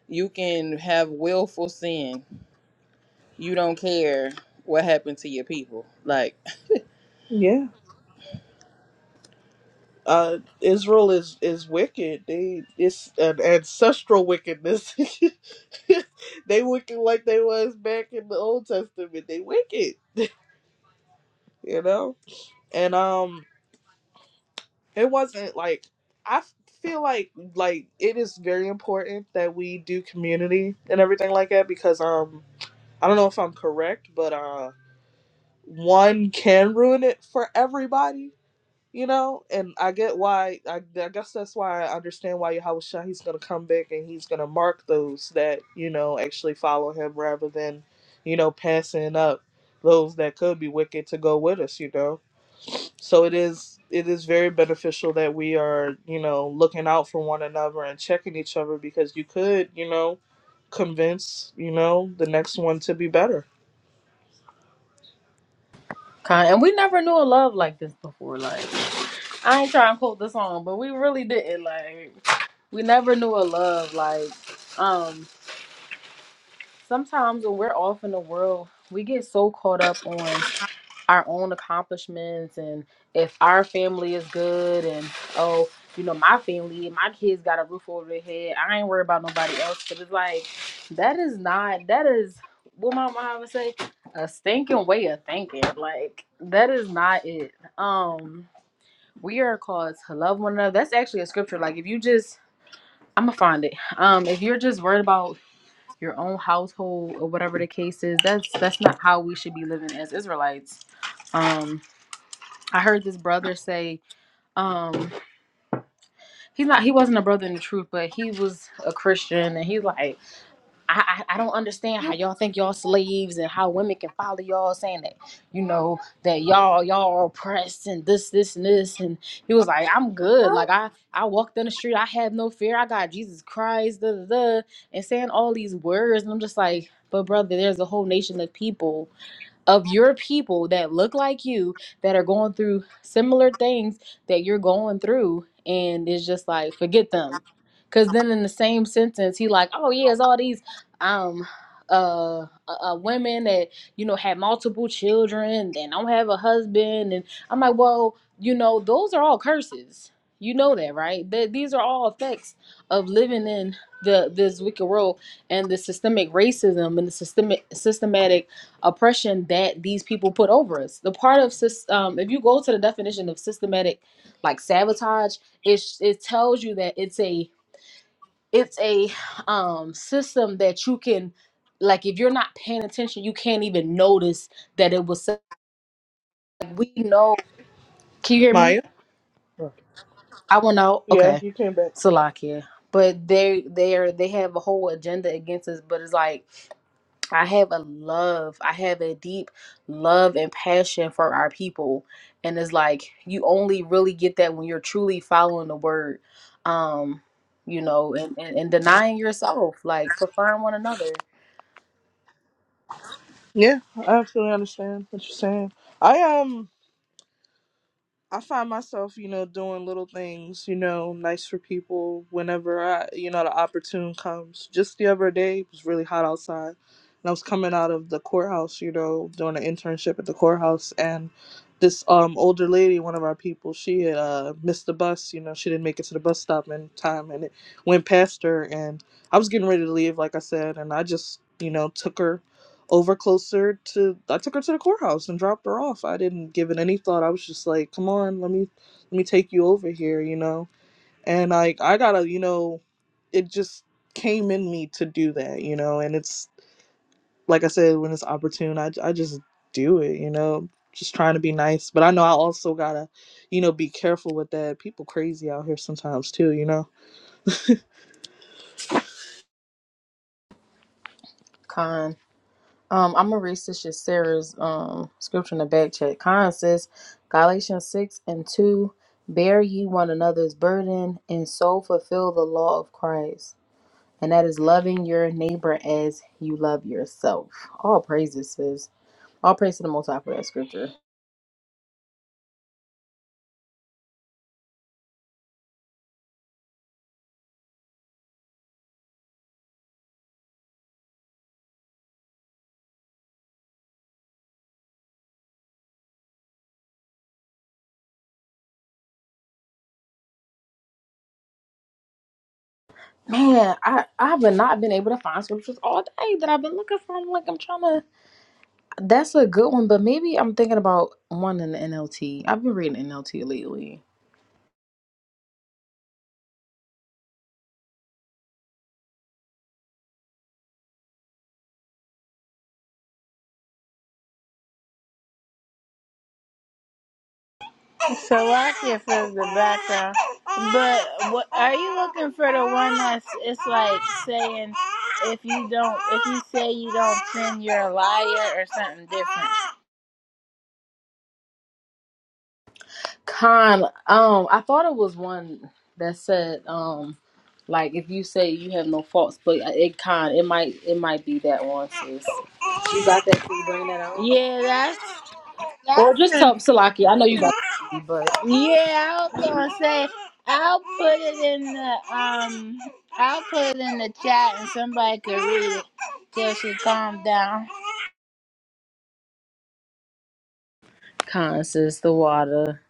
D: you can have willful sin, you don't care what happened to your people. Like
B: yeah uh israel is is wicked they it's an ancestral wickedness they wicked like they was back in the Old Testament. They wicked, you know. And um, it wasn't like I feel like like it is very important that we do community and everything like that because um, I don't know if I'm correct, but uh, one can ruin it for everybody You know, and I get why. I, I guess that's why I understand why Yahweh Shah, he's going to come back and he's going to mark those that, you know, actually follow him rather than, you know, passing up those that could be wicked to go with us, you know. So it is it is very beneficial that we are, you know, looking out for one another and checking each other because you could, you know, convince, you know, the next one to be better.
A: Kind and we never knew a love like this before. Like I ain't trying to quote the song, but we really didn't. Like we never knew a love like um. Sometimes when we're off in the world, we get so caught up on. our own accomplishments and if our family is good and oh you know my family my kids got a roof over their head i ain't worried about nobody else but it's like that is not that is what my mom would say a stinking way of thinking like that is not it um we are called to love one another that's actually a scripture like if you just i'm gonna find it um if you're just worried about your own household or whatever the case is that's that's not how we should be living as israelites um I heard this brother say, um, he's not he wasn't a brother in the truth, but he was a Christian and he's like, I, I I don't understand
B: You-
A: how y'all think y'all slaves and how women can follow y'all saying that, you know, that y'all y'all are oppressed and this, this, and this. And he was like, I'm good. Like I I walked in the street, I had no fear, I got Jesus Christ, da da da and saying all these words, and I'm just like, but brother, there's a whole nation of people of your people that look like you that are going through similar things that you're going through and it's just like forget them because then in the same sentence he like oh yeah it's all these um uh, uh uh, women that you know have multiple children and don't have a husband and i'm like well you know those are all curses you know that right that these are all effects of living in the this wicked world and the systemic racism and the systemic systematic oppression that these people put over us. The part of sys- um, if you go to the definition of systematic, like sabotage, it it tells you that it's a it's a um, system that you can like if you're not paying attention, you can't even notice that it was. Like we know. Can you hear me?
B: Maya?
A: I will know.
B: Yeah,
A: Okay,
B: you came back.
A: Salakia. But they they are they have a whole agenda against us. But it's like I have a love, I have a deep love and passion for our people. And it's like you only really get that when you're truly following the word. Um, you know, and, and, and denying yourself, like preferring one another.
B: Yeah, I absolutely understand what you're saying. I um. I find myself, you know, doing little things, you know, nice for people whenever I, you know, the opportune comes. Just the other day, it was really hot outside, and I was coming out of the courthouse, you know, doing an internship at the courthouse, and this um older lady, one of our people, she had uh missed the bus, you know, she didn't make it to the bus stop in time, and it went past her, and I was getting ready to leave, like I said, and I just, you know, took her over closer to I took her to the courthouse and dropped her off. I didn't give it any thought. I was just like, "Come on, let me let me take you over here," you know. And I I got to, you know, it just came in me to do that, you know, and it's like I said when it's opportune, I I just do it, you know. Just trying to be nice, but I know I also got to, you know, be careful with that. People crazy out here sometimes too, you know.
A: Con. Um, I'm gonna read Sister Sarah's um scripture in the back chat. Con says Galatians six and two, bear ye one another's burden and so fulfill the law of Christ. and that is loving your neighbor as you love yourself. All praises, sis. All praise to the Most High for that scripture. Man, I I've been- not been able to find scriptures all day that I've been looking for. I'm like, I'm trying to. That's a good one, but maybe I'm thinking about one in the NLT. I've been reading NLT lately.
F: So I Salakia from the background. But what are you looking for the one that's it's like saying if you don't if you say you don't sin you're a liar or something different.
A: Con, um, I thought it was one that said, um, like if you say you have no faults, but it con, it might, it might be that one, sis. You got that? Can you bring that out?
F: Yeah, that's
A: Or
F: that's
A: just
F: in
A: tell Salaki. I know you got but
F: yeah, I was gonna say I'll put it in the um I'll put it in the chat and somebody could read it till she calm down.
A: Constance, the water.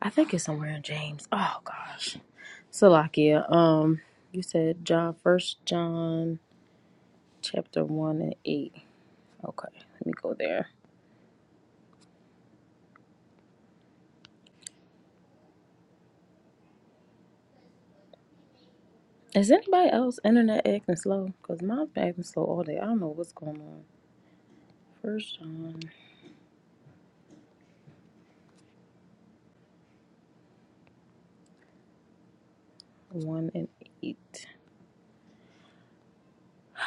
A: I think it's somewhere in James. Oh gosh. Salakia. Um you said John first John chapter one and eight. Okay, let me go there. Is anybody else internet acting slow? Because mine's been acting slow all day. I don't know what's going on. First John one and eight.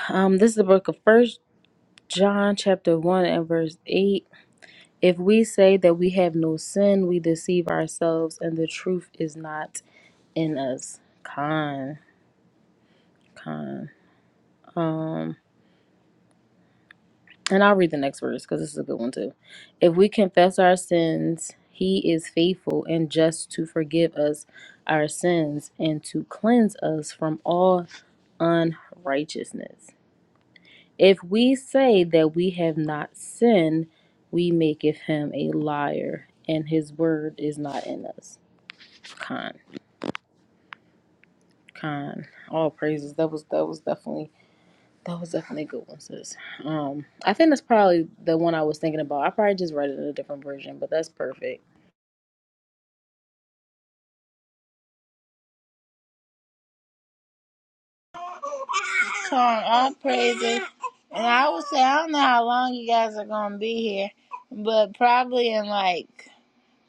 A: Um, this is the book of first John chapter one and verse eight. If we say that we have no sin, we deceive ourselves and the truth is not in us. Con, con. Um, and I'll read the next verse because this is a good one too. If we confess our sins, he is faithful and just to forgive us our sins and to cleanse us from all unrighteousness. If we say that we have not sinned, we maketh him a liar, and his word is not in us. Con. Con. All praises. That was that was definitely that was definitely a good one, sis. Um, I think that's probably the one I was thinking about. I probably just read it in a different version, but that's perfect.
F: song. All praises. And I would say, I don't know how long you guys are going to be here, but probably in like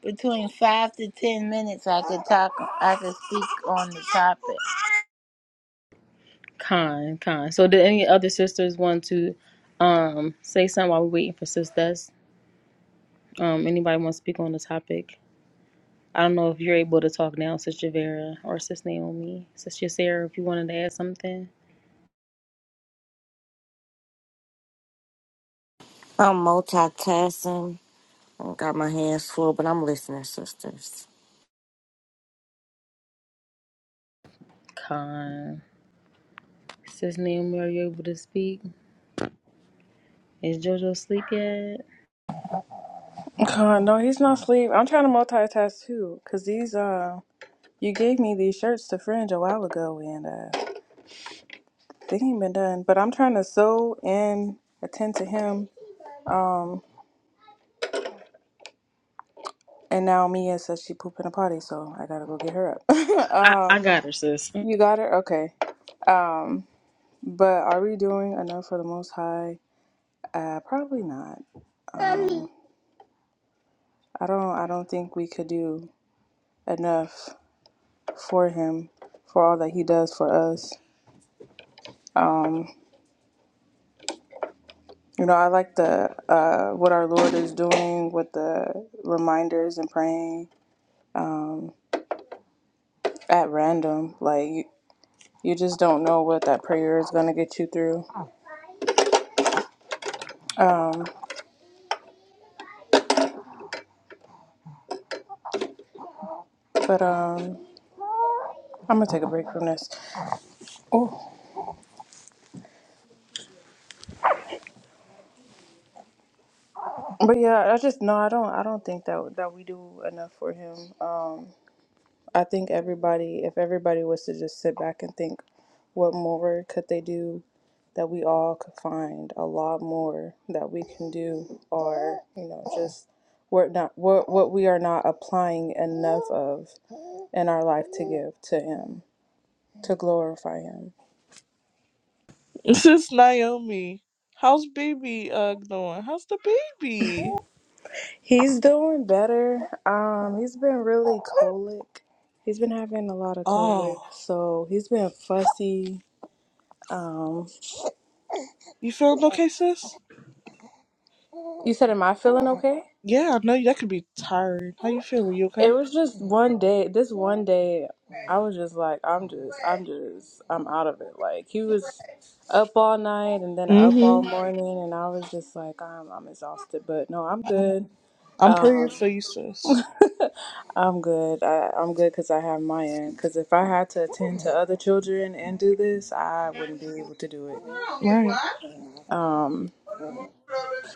F: between five to ten minutes, I could talk, I could speak on the topic.
A: Con, con. So did any other sisters want to um say something while we're waiting for sis Des? Um, anybody want to speak on the topic? I don't know if you're able to talk now, Sis Javera or Sis Naomi. Sis Sarah, if you wanted to add something.
C: I'm multitasking. I got my hands full, but I'm listening, sisters.
A: Con. Sis Naomi, are you able to speak? Is JoJo sleep yet?
E: God, no, he's not asleep. I'm trying to multitask too, cause these uh, you gave me these shirts to fringe a while ago, and uh, they ain't been done. But I'm trying to sew and attend to him. Um, and now Mia says she pooping a potty, so I gotta go get her up.
A: I,
E: um,
A: I got her, sis.
E: you got her, okay. Um, but are we doing enough for the Most High? Uh, probably not. I don't. I don't think we could do enough for him for all that he does for us. Um, you know, I like the uh, what our Lord is doing with the reminders and praying at random. Like you, you just don't know what that prayer is gonna get you through. But um, I'm gonna take a break from this. Oh, but yeah, I just no, I don't. I don't think that that we do enough for Him. Um, I think everybody, if everybody was to just sit back and think, what more could they do that we all could find a lot more that we can do, or you know, just we're not what what we are not applying enough of in our life to give to Him, to glorify Him.
B: Sis Naomi, how's baby uh doing? How's the baby?
E: He's doing better. Um, he's been really colic. He's been having a lot of colic,
B: Oh.
E: so he's been fussy. Um,
B: You feeling okay, sis?
E: you said, "Am I feeling okay?"
B: Yeah, I know that could be tiring. How you feeling? You
E: It
B: okay?
E: was just one day, this one day, I was just like, I'm just, I'm just, I'm out of it. Like, he was up all night and then up all
B: Mm-hmm.
E: morning, and I was just like, I'm, I'm exhausted, but no, I'm
B: I'm,
E: good.
B: I'm praying
E: Um,
B: for you, sis.
E: I'm good. I, I'm good because I have my end. Because if I had to attend to other children and do this, I wouldn't be able to do it.
B: Right.
E: Um,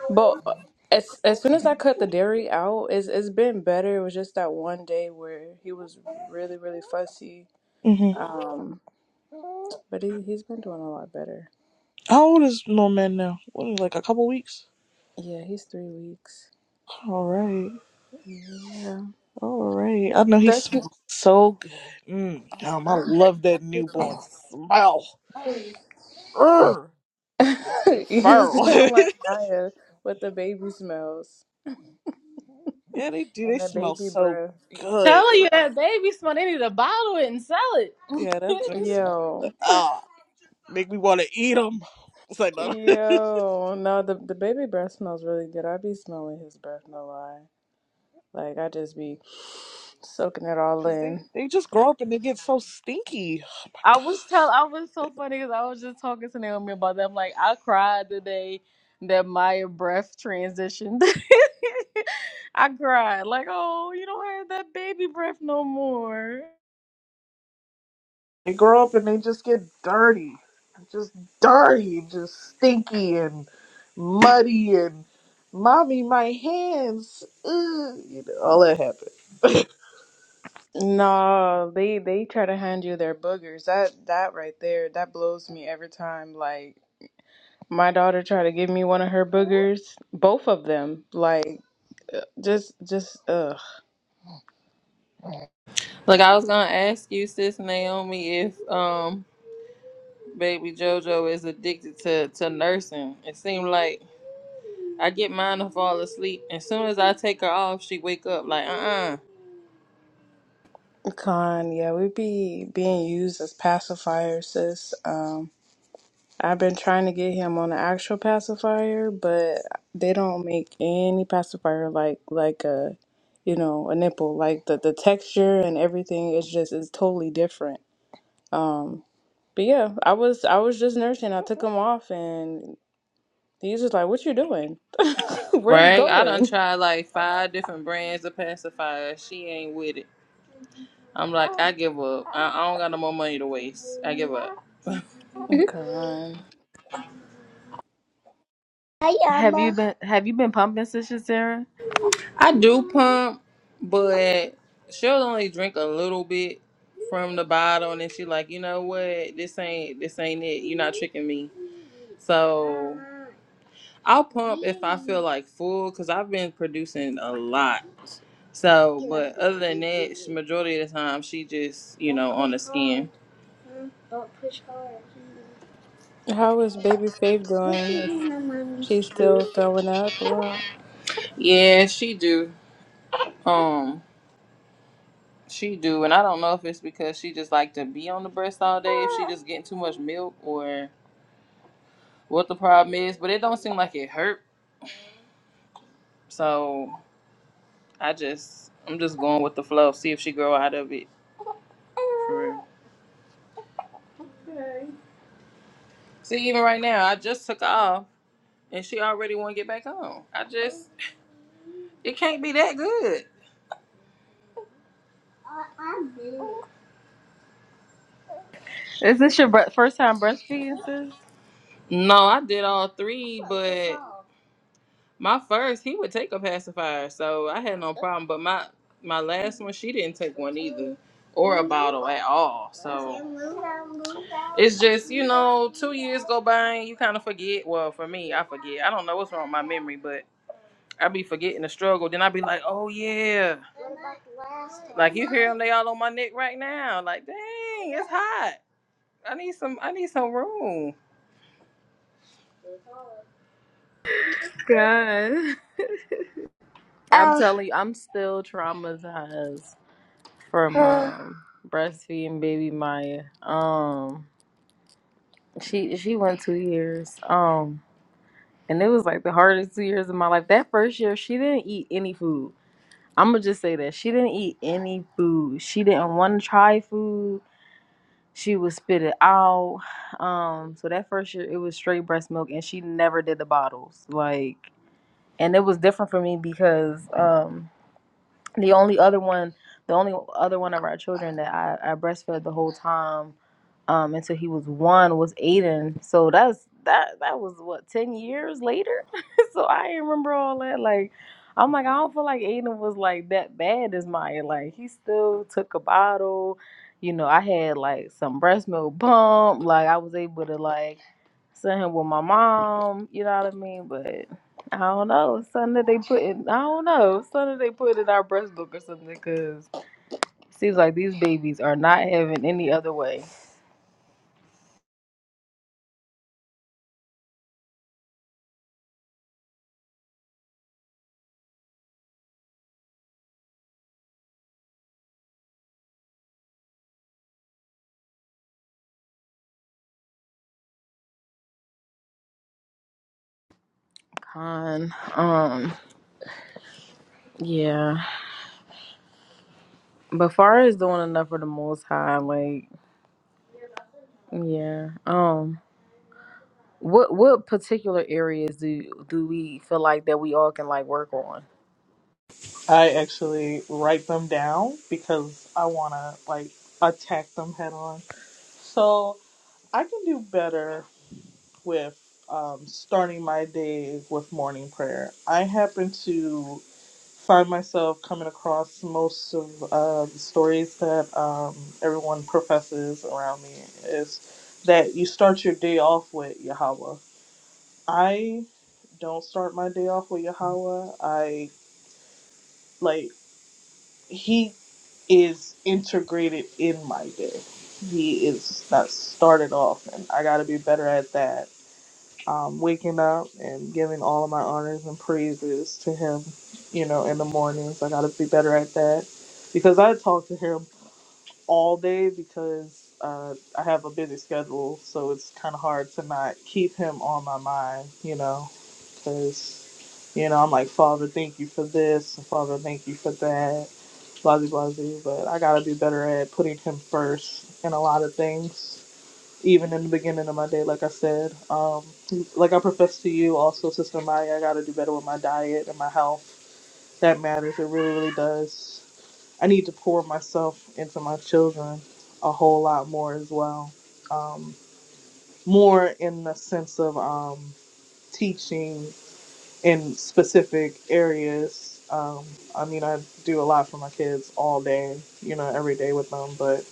E: but as as soon as I cut the dairy out, it's it's been better. It was just that one day where he was really really fussy,
B: hmm
E: Um, but he he's been doing a lot better.
B: How old is little man now? What, is it, like a couple weeks?
E: Yeah, he's three weeks.
B: All right.
E: Yeah,
B: All right. I know he
E: that's
B: smells so good. Mm. Um, I love that newborn smell. Urgh. They
E: you
B: feral.
E: sound like Maya with the baby smells
B: yeah, they do. They
E: and the
B: smell
E: baby
B: so
E: breath.
B: good.
A: Tell you that baby smell. They need to bottle it and sell it.
B: Yeah, that drink smells good.
E: Yo,
B: Ah, make me want to eat them. It's like, no.
E: yo, no, the the baby breath smells really good. I be smelling his breath, no lie. Like I just be soaking it all
B: Cause they
E: in.
B: they just grow up and they get so stinky. Oh my
A: I was tell.
B: gosh.
A: I was so funny because I was just talking to Naomi about that. I'm like, I cried the day that Maya breath transitioned. I cried like, oh, you don't have that baby breath no more.
B: They grow up and they just get dirty, just dirty, just stinky and muddy and mommy, my hands, ugh, you know, all that happens.
E: No, they they try to hand you their boogers. That that right there, that blows me every time. Like My daughter tried to give me one of her boogers, both of them. Like, uh, just, just, ugh.
D: like I was gonna ask you, sis Naomi, if um baby Jojo is addicted to, to nursing. It seemed like I get mine to fall asleep. As soon as I take her off, she wake up like uh uh
E: Con, yeah, we be being used as pacifiers, sis. Um, I've been trying to get him on an actual pacifier, but they don't make any pacifier like, like a, you know, a nipple. Like the the texture and everything is just is totally different. Um, but yeah, I was I was just nursing. I took him off, and he's just like, "What you doing? Where you
D: Right? I done
E: going?"
D: tried like five different brands of pacifiers. She ain't with it. I'm like, I give up. I, I don't got no more money to waste. I give up.
E: Con,
A: Hi, have Emma. you been Have you been pumping, sister Sarah?
D: I do pump, but she'll only drink a little bit from the bottle, and then she like, you know what? This ain't this ain't it. You're not tricking me. So I'll pump if I feel like full, cause I've been producing a lot. So, but other than that, she- majority of the time she just, you know, on the skin.
E: How is baby Faith doing? Is she still throwing up a lot?
D: Yeah, she do. Um, She do, and I don't know if it's because she just like to be on the breast all day, if she just getting too much milk or what the problem is, but it don't seem like it hurt. So I just I'm just going with the flow, see if she grow out of it. For real. Okay. See, even right now, I just took off and she already wanna get back on. I just it can't be that good.
A: Is this your bre- first time breastfeeding, sis?
D: No, I did all three, but My first, he would take a pacifier, so I had no problem. But my my last one, she didn't take one either, or a bottle at all. So it's just you know, two years go by and you kind of forget. Well, for me, I forget. I don't know what's wrong with my memory, but I be forgetting the struggle. Then I be like, oh yeah, like you hear them, they all on my neck right now. Like dang, it's hot. I need some. I need some room.
A: God, I'm Oh. telling you, I'm still traumatized. from um, breastfeeding baby Maya. Um, she she went two years. Um, and it was like the hardest two years of my life. That first year, she didn't eat any food. I'm gonna just say that she didn't eat any food. She didn't want to try food. She would spit it out. Um, so that first year, it was straight breast milk, and she never did the bottles. Like, and it was different for me because um the only other one the only other one of our children that I, I breastfed the whole time um until he was one was Aiden. So that's that that was what ten years later. so I ain't remember all that. Like I'm like I don't feel like Aiden was like that bad as Maya. Like he still took a bottle. You know I had like some breast milk pump. Like I was able to like sent him with my mom. You know what I mean? But I don't know. It's something that they put in. I don't know. It's something that they put in our breast book or something. Because it seems like these babies are not having any other way. Con. Um. Yeah. But far as doing enough for the Most High, like yeah. Um. What what particular areas do do we feel like that we all can like work on?
B: I actually write them down because I want to like attack them head on. So I can do better with um, starting my day with morning prayer. I happen to find myself coming across most of uh, the stories that um, everyone professes around me is that you start your day off with Yahweh. I don't start my day off with Yahweh. I like he is integrated in my day. He is not started off, and I got to be better at that um, waking up and giving all of my honors and praises to him, you know, in the mornings. I got to be better at that because I talk to him all day because uh, I have a busy schedule. So it's kind of hard to not keep him on my mind, you know, because, you know, I'm like, Father, thank you for this. and Father, thank you for that. Blah, blah, blah. blah. But I got to be better at putting him first in a lot of things even in the beginning of my day, like I said. Um, like I professed to you also, Sister Maya, I gotta do better with my diet and my health. That matters. It really, really does. I need to pour myself into my children a whole lot more as well. Um, more in the sense of um, teaching in specific areas. Um, I mean, I do a lot for my kids all day, you know, every day with them, but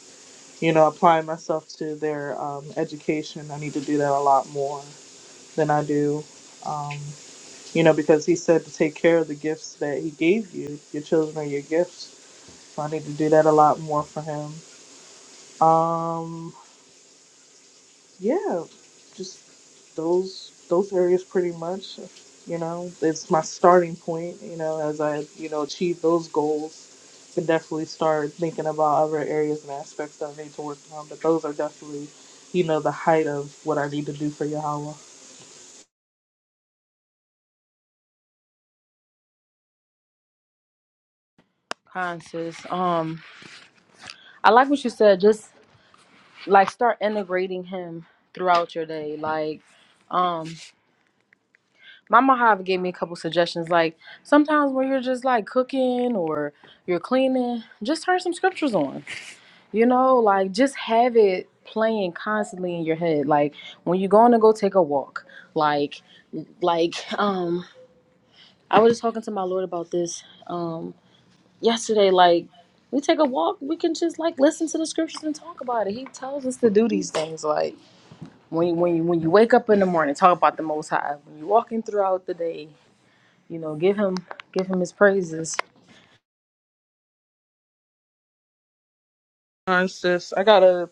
B: you know, applying myself to their um, education. I need to do that a lot more than I do. Um, you know, because he said to take care of the gifts that he gave you. Your children are your gifts. So I need to do that a lot more for him. Um, yeah, just those those areas pretty much. You know, it's my starting point. You know, as I you know achieve those goals, I can definitely start thinking about other areas and aspects that I need to work on. But those are definitely, you know, the height of what I need to do for Yahweh. All
A: Conscious. Um. I like what you said. Just like start integrating him throughout your day like um my Mojave gave me a couple suggestions like sometimes when you're just like cooking or you're cleaning just turn some scriptures on you know like just have it playing constantly in your head like when you're going to go take a walk like like um i was just talking to my lord about this um yesterday like we take a walk we can just like listen to the scriptures and talk about it he tells us to do these things like when you, when you, when you wake up in the morning, talk about the Most High. When you're walking throughout the day, you know, give him give him his praises.
B: right, sis, I gotta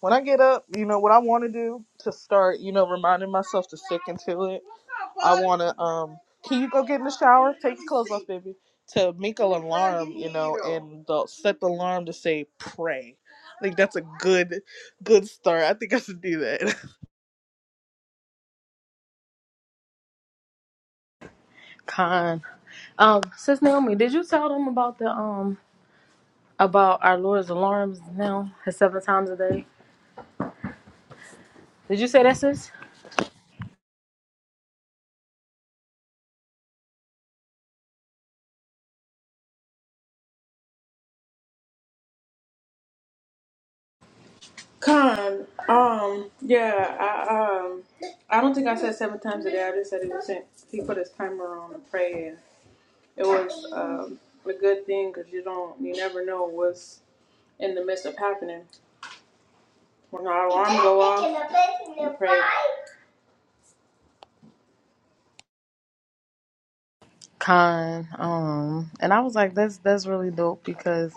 B: when I get up, you know what I want to do to start, you know, reminding myself to stick into it. I want to um can you go get in the shower? Take your clothes off, baby. To make an alarm, you know, and the, set the alarm to say pray. I think that's a good good start. I think I should do that.
A: Con. Um, Sis Naomi, did you tell them about the um about our Lord's alarms now, his seven times a day? Did you say that, sis?
E: Con, um, yeah, I um, I don't think I said seven times a day. I just said it was sent. He put his timer on and prayed. It was um, a good thing because you don't, you never know what's in the midst of happening. When our alarm go off, you pray.
A: Con. Um, and I was like, that's that's really dope because,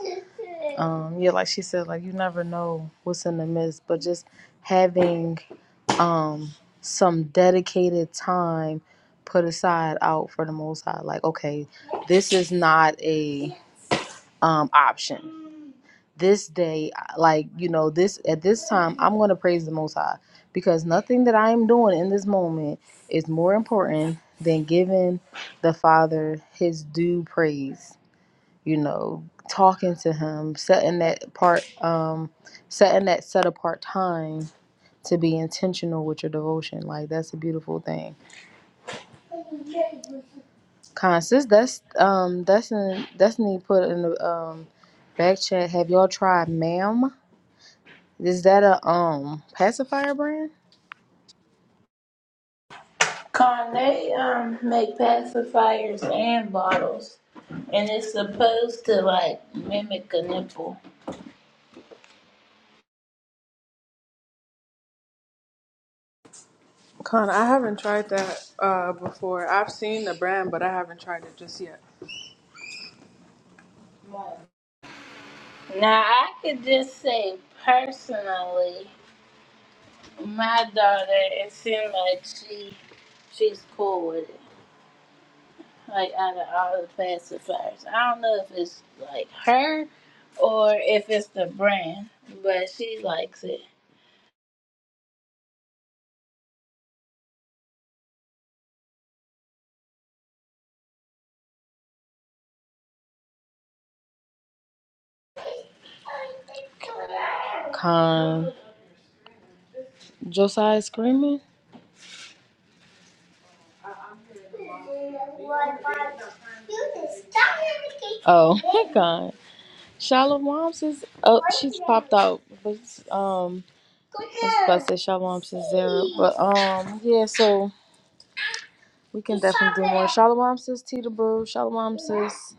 A: um, yeah, like she said, like you never know what's in the midst, but just having um some dedicated time put aside out for the most high like okay this is not a um option this day like you know this at this time i'm going to praise the most high because nothing that i am doing in this moment is more important than giving the father his due praise you know talking to him setting that part um setting that set apart time to be intentional with your devotion. Like that's a beautiful thing. Constance, that's um Destiny Destiny put in the um back chat. Have y'all tried ma'am? Is that a um pacifier brand?
F: Con, they um, make pacifiers and bottles, and it's supposed to like mimic a nipple.
E: Con, I haven't tried that uh before. I've seen the brand, but I haven't tried it just yet.
F: Now, I could just say personally, my daughter, it seems like she she's cool with it. like out of all the pacifiers. I don't know if it's like her or if it's the brand, but she likes it.
A: Con Josiah screaming? Oh, Con. Shalom says, oh, she's popped out. But, um, I was about to say Shalom says there. But, um, yeah, so we can definitely do more. Shalom says Tita Boo. Shalom says,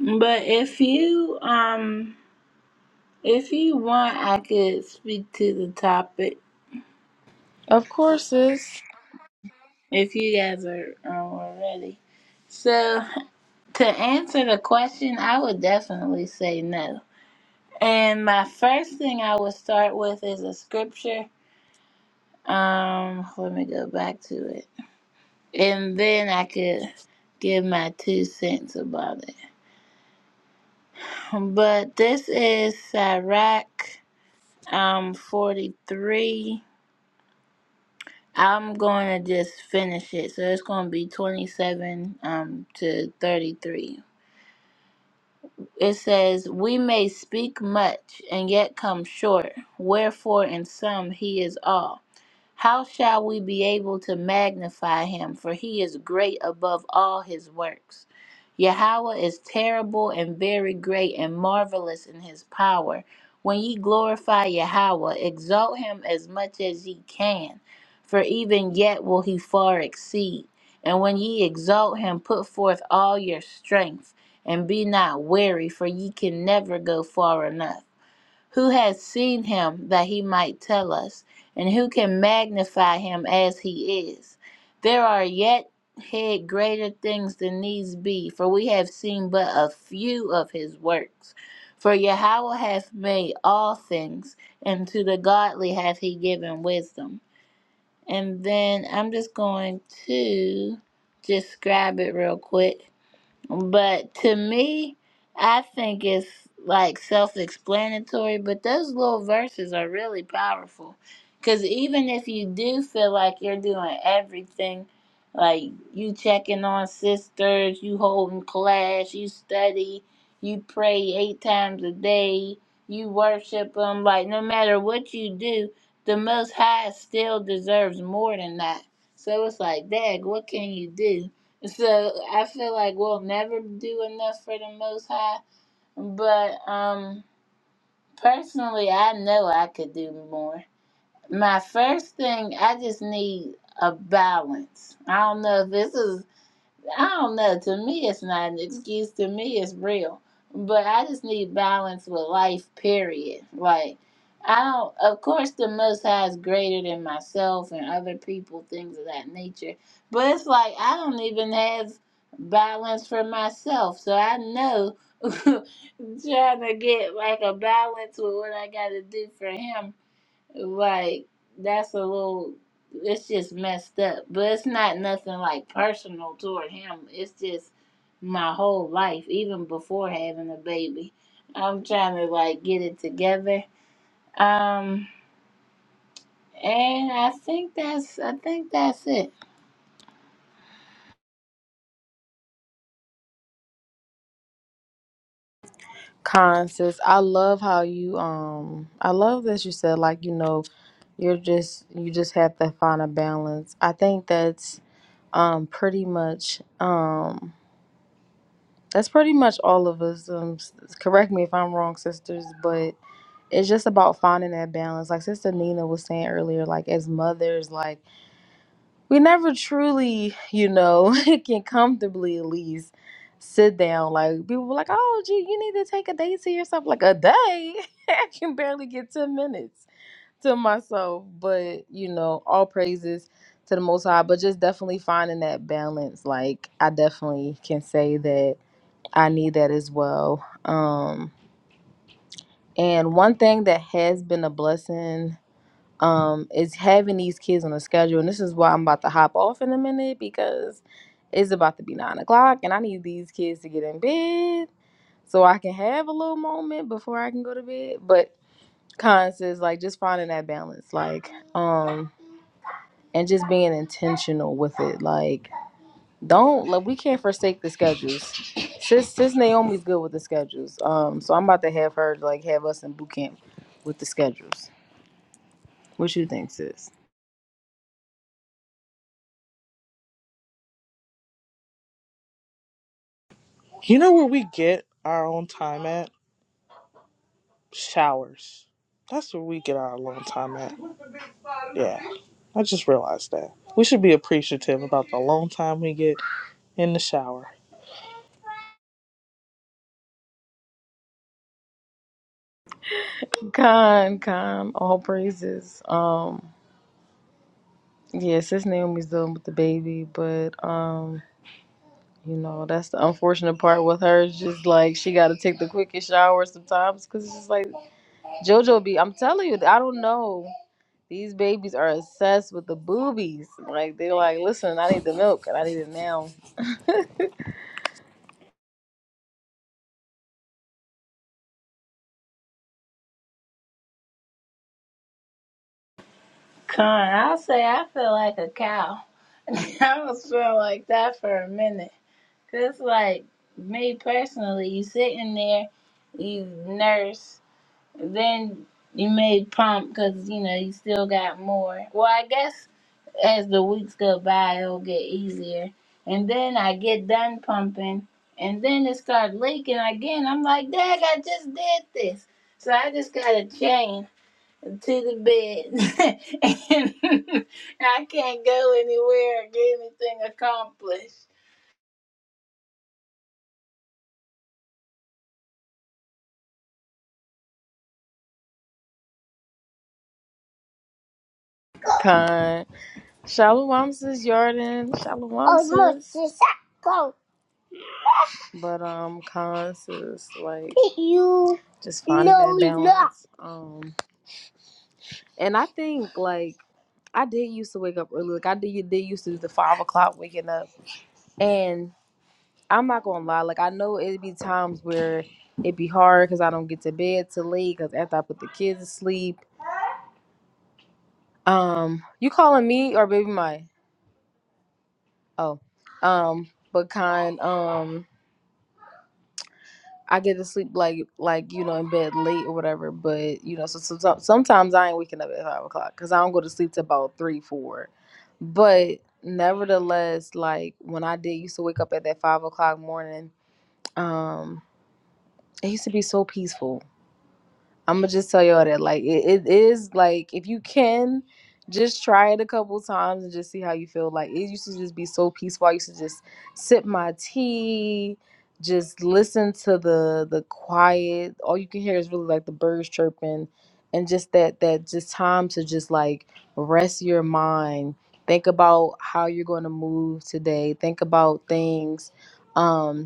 F: But if you um if you want, I could speak to the topic
A: of course, sis.
F: if you guys are um, ready. So to answer the question, I would definitely say no. And my first thing I would start with is a scripture. Um, let me go back to it. and then I could give my two cents about it. But this is Sirach um 43. I'm going to just finish it. So it's going to be 27 um to 33. It says, "We may speak much and yet come short; wherefore in sum he is all." How shall we be able to magnify him? For he is great above all his works. Yahweh is terrible and very great and marvelous in his power. When ye glorify Yahweh, exalt him as much as ye can, for even yet will he far exceed. And when ye exalt him, put forth all your strength, and be not weary, for ye can never go far enough who has seen him that he might tell us, and who can magnify him as he is? There are yet hid greater things than these be, for we have seen but a few of his works. For Yahweh hath made all things, and to the godly hath he given wisdom. And then I'm just going to just grab it real quick. But to me, I think it's like self explanatory, but those little verses are really powerful. Because even if you do feel like you're doing everything, like you checking on sisters, you holding class, you study, you pray eight times a day, you worship them, like no matter what you do, the Most High still deserves more than that. So it's like, Dag, what can you do? So I feel like we'll never do enough for the Most High. But um, personally, I know I could do more. My first thing, I just need a balance. I don't know if this is I don't know. To me, it's not an excuse. To me, it's real. But I just need balance with life, period. Like, I don't, of course, the Most High is greater than myself and other people, things of that nature. But it's like, I don't even have balance for myself. So I know trying to get like a balance with what I got to do for Him like that's a little. It's just messed up, but it's not nothing like personal toward him. It's just my whole life, even before having a baby. I'm trying to like get it together. Um, and I think that's I think that's it.
A: Con says, I love how you, um, I love that you said, like, you know, you're just, you just have to find a balance. I think that's, um, pretty much, um, that's pretty much all of us. Um, s- correct me if I'm wrong, sisters, but it's just about finding that balance. Like Sister Nina was saying earlier, like as mothers, like we never truly, you know, can comfortably at least sit down. Like people were like, "Oh, gee, you need to take a day to yourself." Like a day, I can barely get ten minutes to myself. But you know, all praises to the Most High. But just definitely finding that balance. Like I definitely can say that I need that as well. Um, and one thing that has been a blessing um is having these kids on a schedule and this is why i'm about to hop off in a minute because it's about to be nine o'clock and i need these kids to get in bed so i can have a little moment before i can go to bed but cons is like just finding that balance like um and just being intentional with it like don't like we can't forsake the schedules sis sis naomi's good with the schedules um so i'm about to have her like have us in boot camp with the schedules what you think sis
B: You know where we get our own time at? Showers. That's where we get our alone time at. Yeah. I just realized that. We should be appreciative about the alone time we get in the shower.
A: Khan, Khan, all praises. Um, yeah, sis Naomi's done with the baby, but um, you know, that's the unfortunate part with her. It's just like she got to take the quickest shower sometimes because it's just like JoJo be. I'm telling you, I don't know. These babies are obsessed with the boobies. Like they're like, listen, I need the milk and I need it now.
F: Con, I'll say I feel like a cow. I was feeling like that for a minute. Cause like me personally, you sitting there, you nurse. Then you may pump because you know you still got more. Well, I guess as the weeks go by, it'll get easier. And then I get done pumping, and then it starts leaking again. I'm like, Dad, I just did this, so I just got a chain to the bed, and I can't go anywhere or get anything accomplished.
A: Khan, Shalom, sis Jordan. Shalom, sis. But um, cons is like you just finding no, that balance. Not. Um, and I think like I did used to wake up early. Like I did, did used to do the five o'clock waking up. And I'm not gonna lie, like I know it'd be times where it'd be hard because I don't get to bed till late because after I put the kids to sleep. Um, you calling me or baby my? Oh, um, but kind. Um. I get to sleep like like you know in bed late or whatever, but you know so, so, so- sometimes I ain't waking up at five o'clock because I don't go to sleep till about three four. But nevertheless, like when I did used to wake up at that five o'clock morning, um, it used to be so peaceful. I'm gonna just tell y'all that like it, it is like if you can just try it a couple times and just see how you feel. Like it used to just be so peaceful. I used to just sip my tea, just listen to the the quiet. All you can hear is really like the birds chirping and just that that just time to just like rest your mind. Think about how you're going to move today. Think about things. Um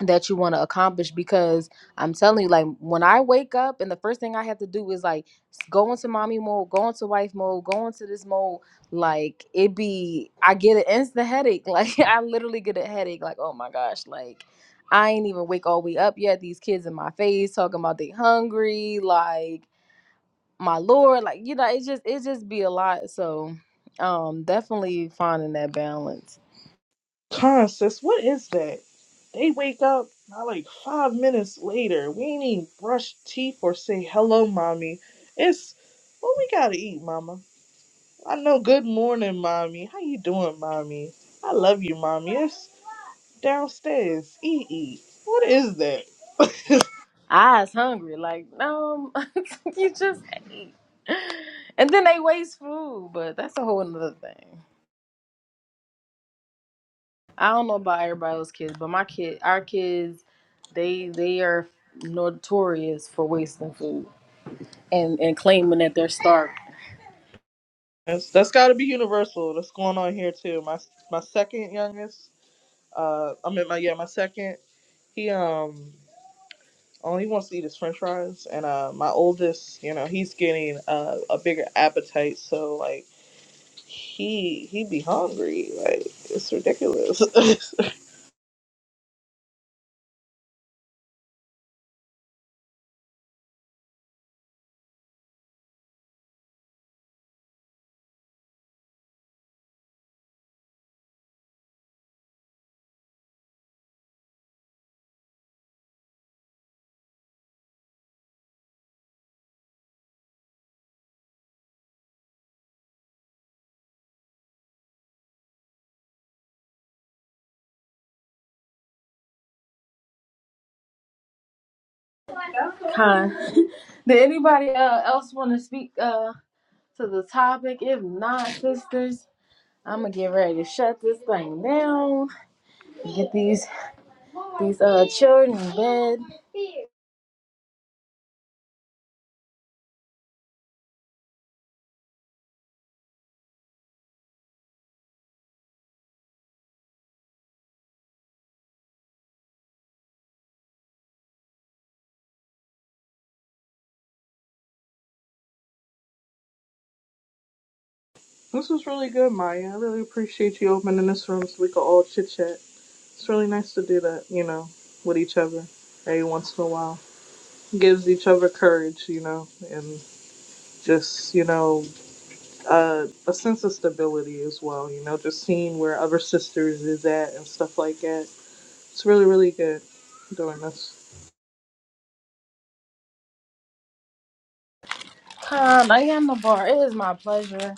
A: that you want to accomplish because I'm telling you, like when I wake up and the first thing I have to do is like go into mommy mode, go into wife mode, go into this mode, like it be I get an instant headache. Like I literally get a headache, like, oh my gosh, like I ain't even wake all the way up yet. These kids in my face talking about they hungry, like my lord, like you know, it just it just be a lot. So um definitely finding that balance.
B: Con sis, what is that? They wake up not like five minutes later. We ain't even brush teeth or say hello, mommy. It's what we gotta eat, mama. I know. Good morning, mommy. How you doing, mommy? I love you, mommy. It's downstairs. Eat, eat. What is that?
A: eyes hungry. Like, no, you just ate. And then they waste food, but that's a whole another thing. I don't know about everybody else's kids, but my kid, our kids, they they are notorious for wasting food and and claiming that they're starved.
B: That's, that's got to be universal. That's going on here too. My my second youngest, uh, I mean my yeah my second. He um Oh, he wants to eat his French fries, and uh, my oldest, you know, he's getting uh, a bigger appetite, so like he he be hungry, like it's ridiculous. this
A: Kind. Did anybody uh, else want to speak uh to the topic? If not, sisters, I'm gonna get ready to shut this thing down. Get these these uh children in bed.
B: was really good, Maya. I really appreciate you opening this room so we could all chit chat. It's really nice to do that, you know, with each other every once in a while. Gives each other courage, you know, and just you know uh, a sense of stability as well. You know, just seeing where other sisters is at and stuff like that It's really, really good I'm doing this.
A: Con, I am a bar. It is my pleasure.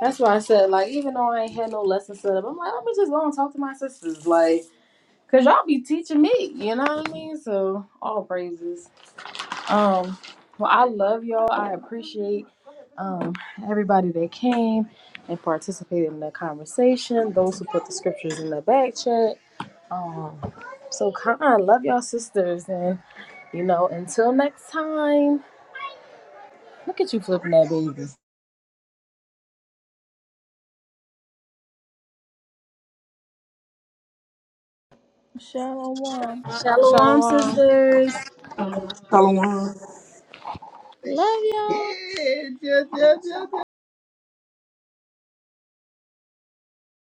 A: That's why I said, like, even though I ain't had no lesson set up, I'm like, let me just go and talk to my sisters, like, cause y'all be teaching me. You know what I mean? So all praises. Um, well, I love y'all. I appreciate um everybody that came and participated in the conversation. Those who put the scriptures in the back chat. Um, so kind. love y'all sisters, and you know, until next time. Look at you flipping that baby.
F: Shalom.
A: Shalom,
E: Shalom.
A: sisters. Love y'all. Yeah, yeah, yeah, yeah,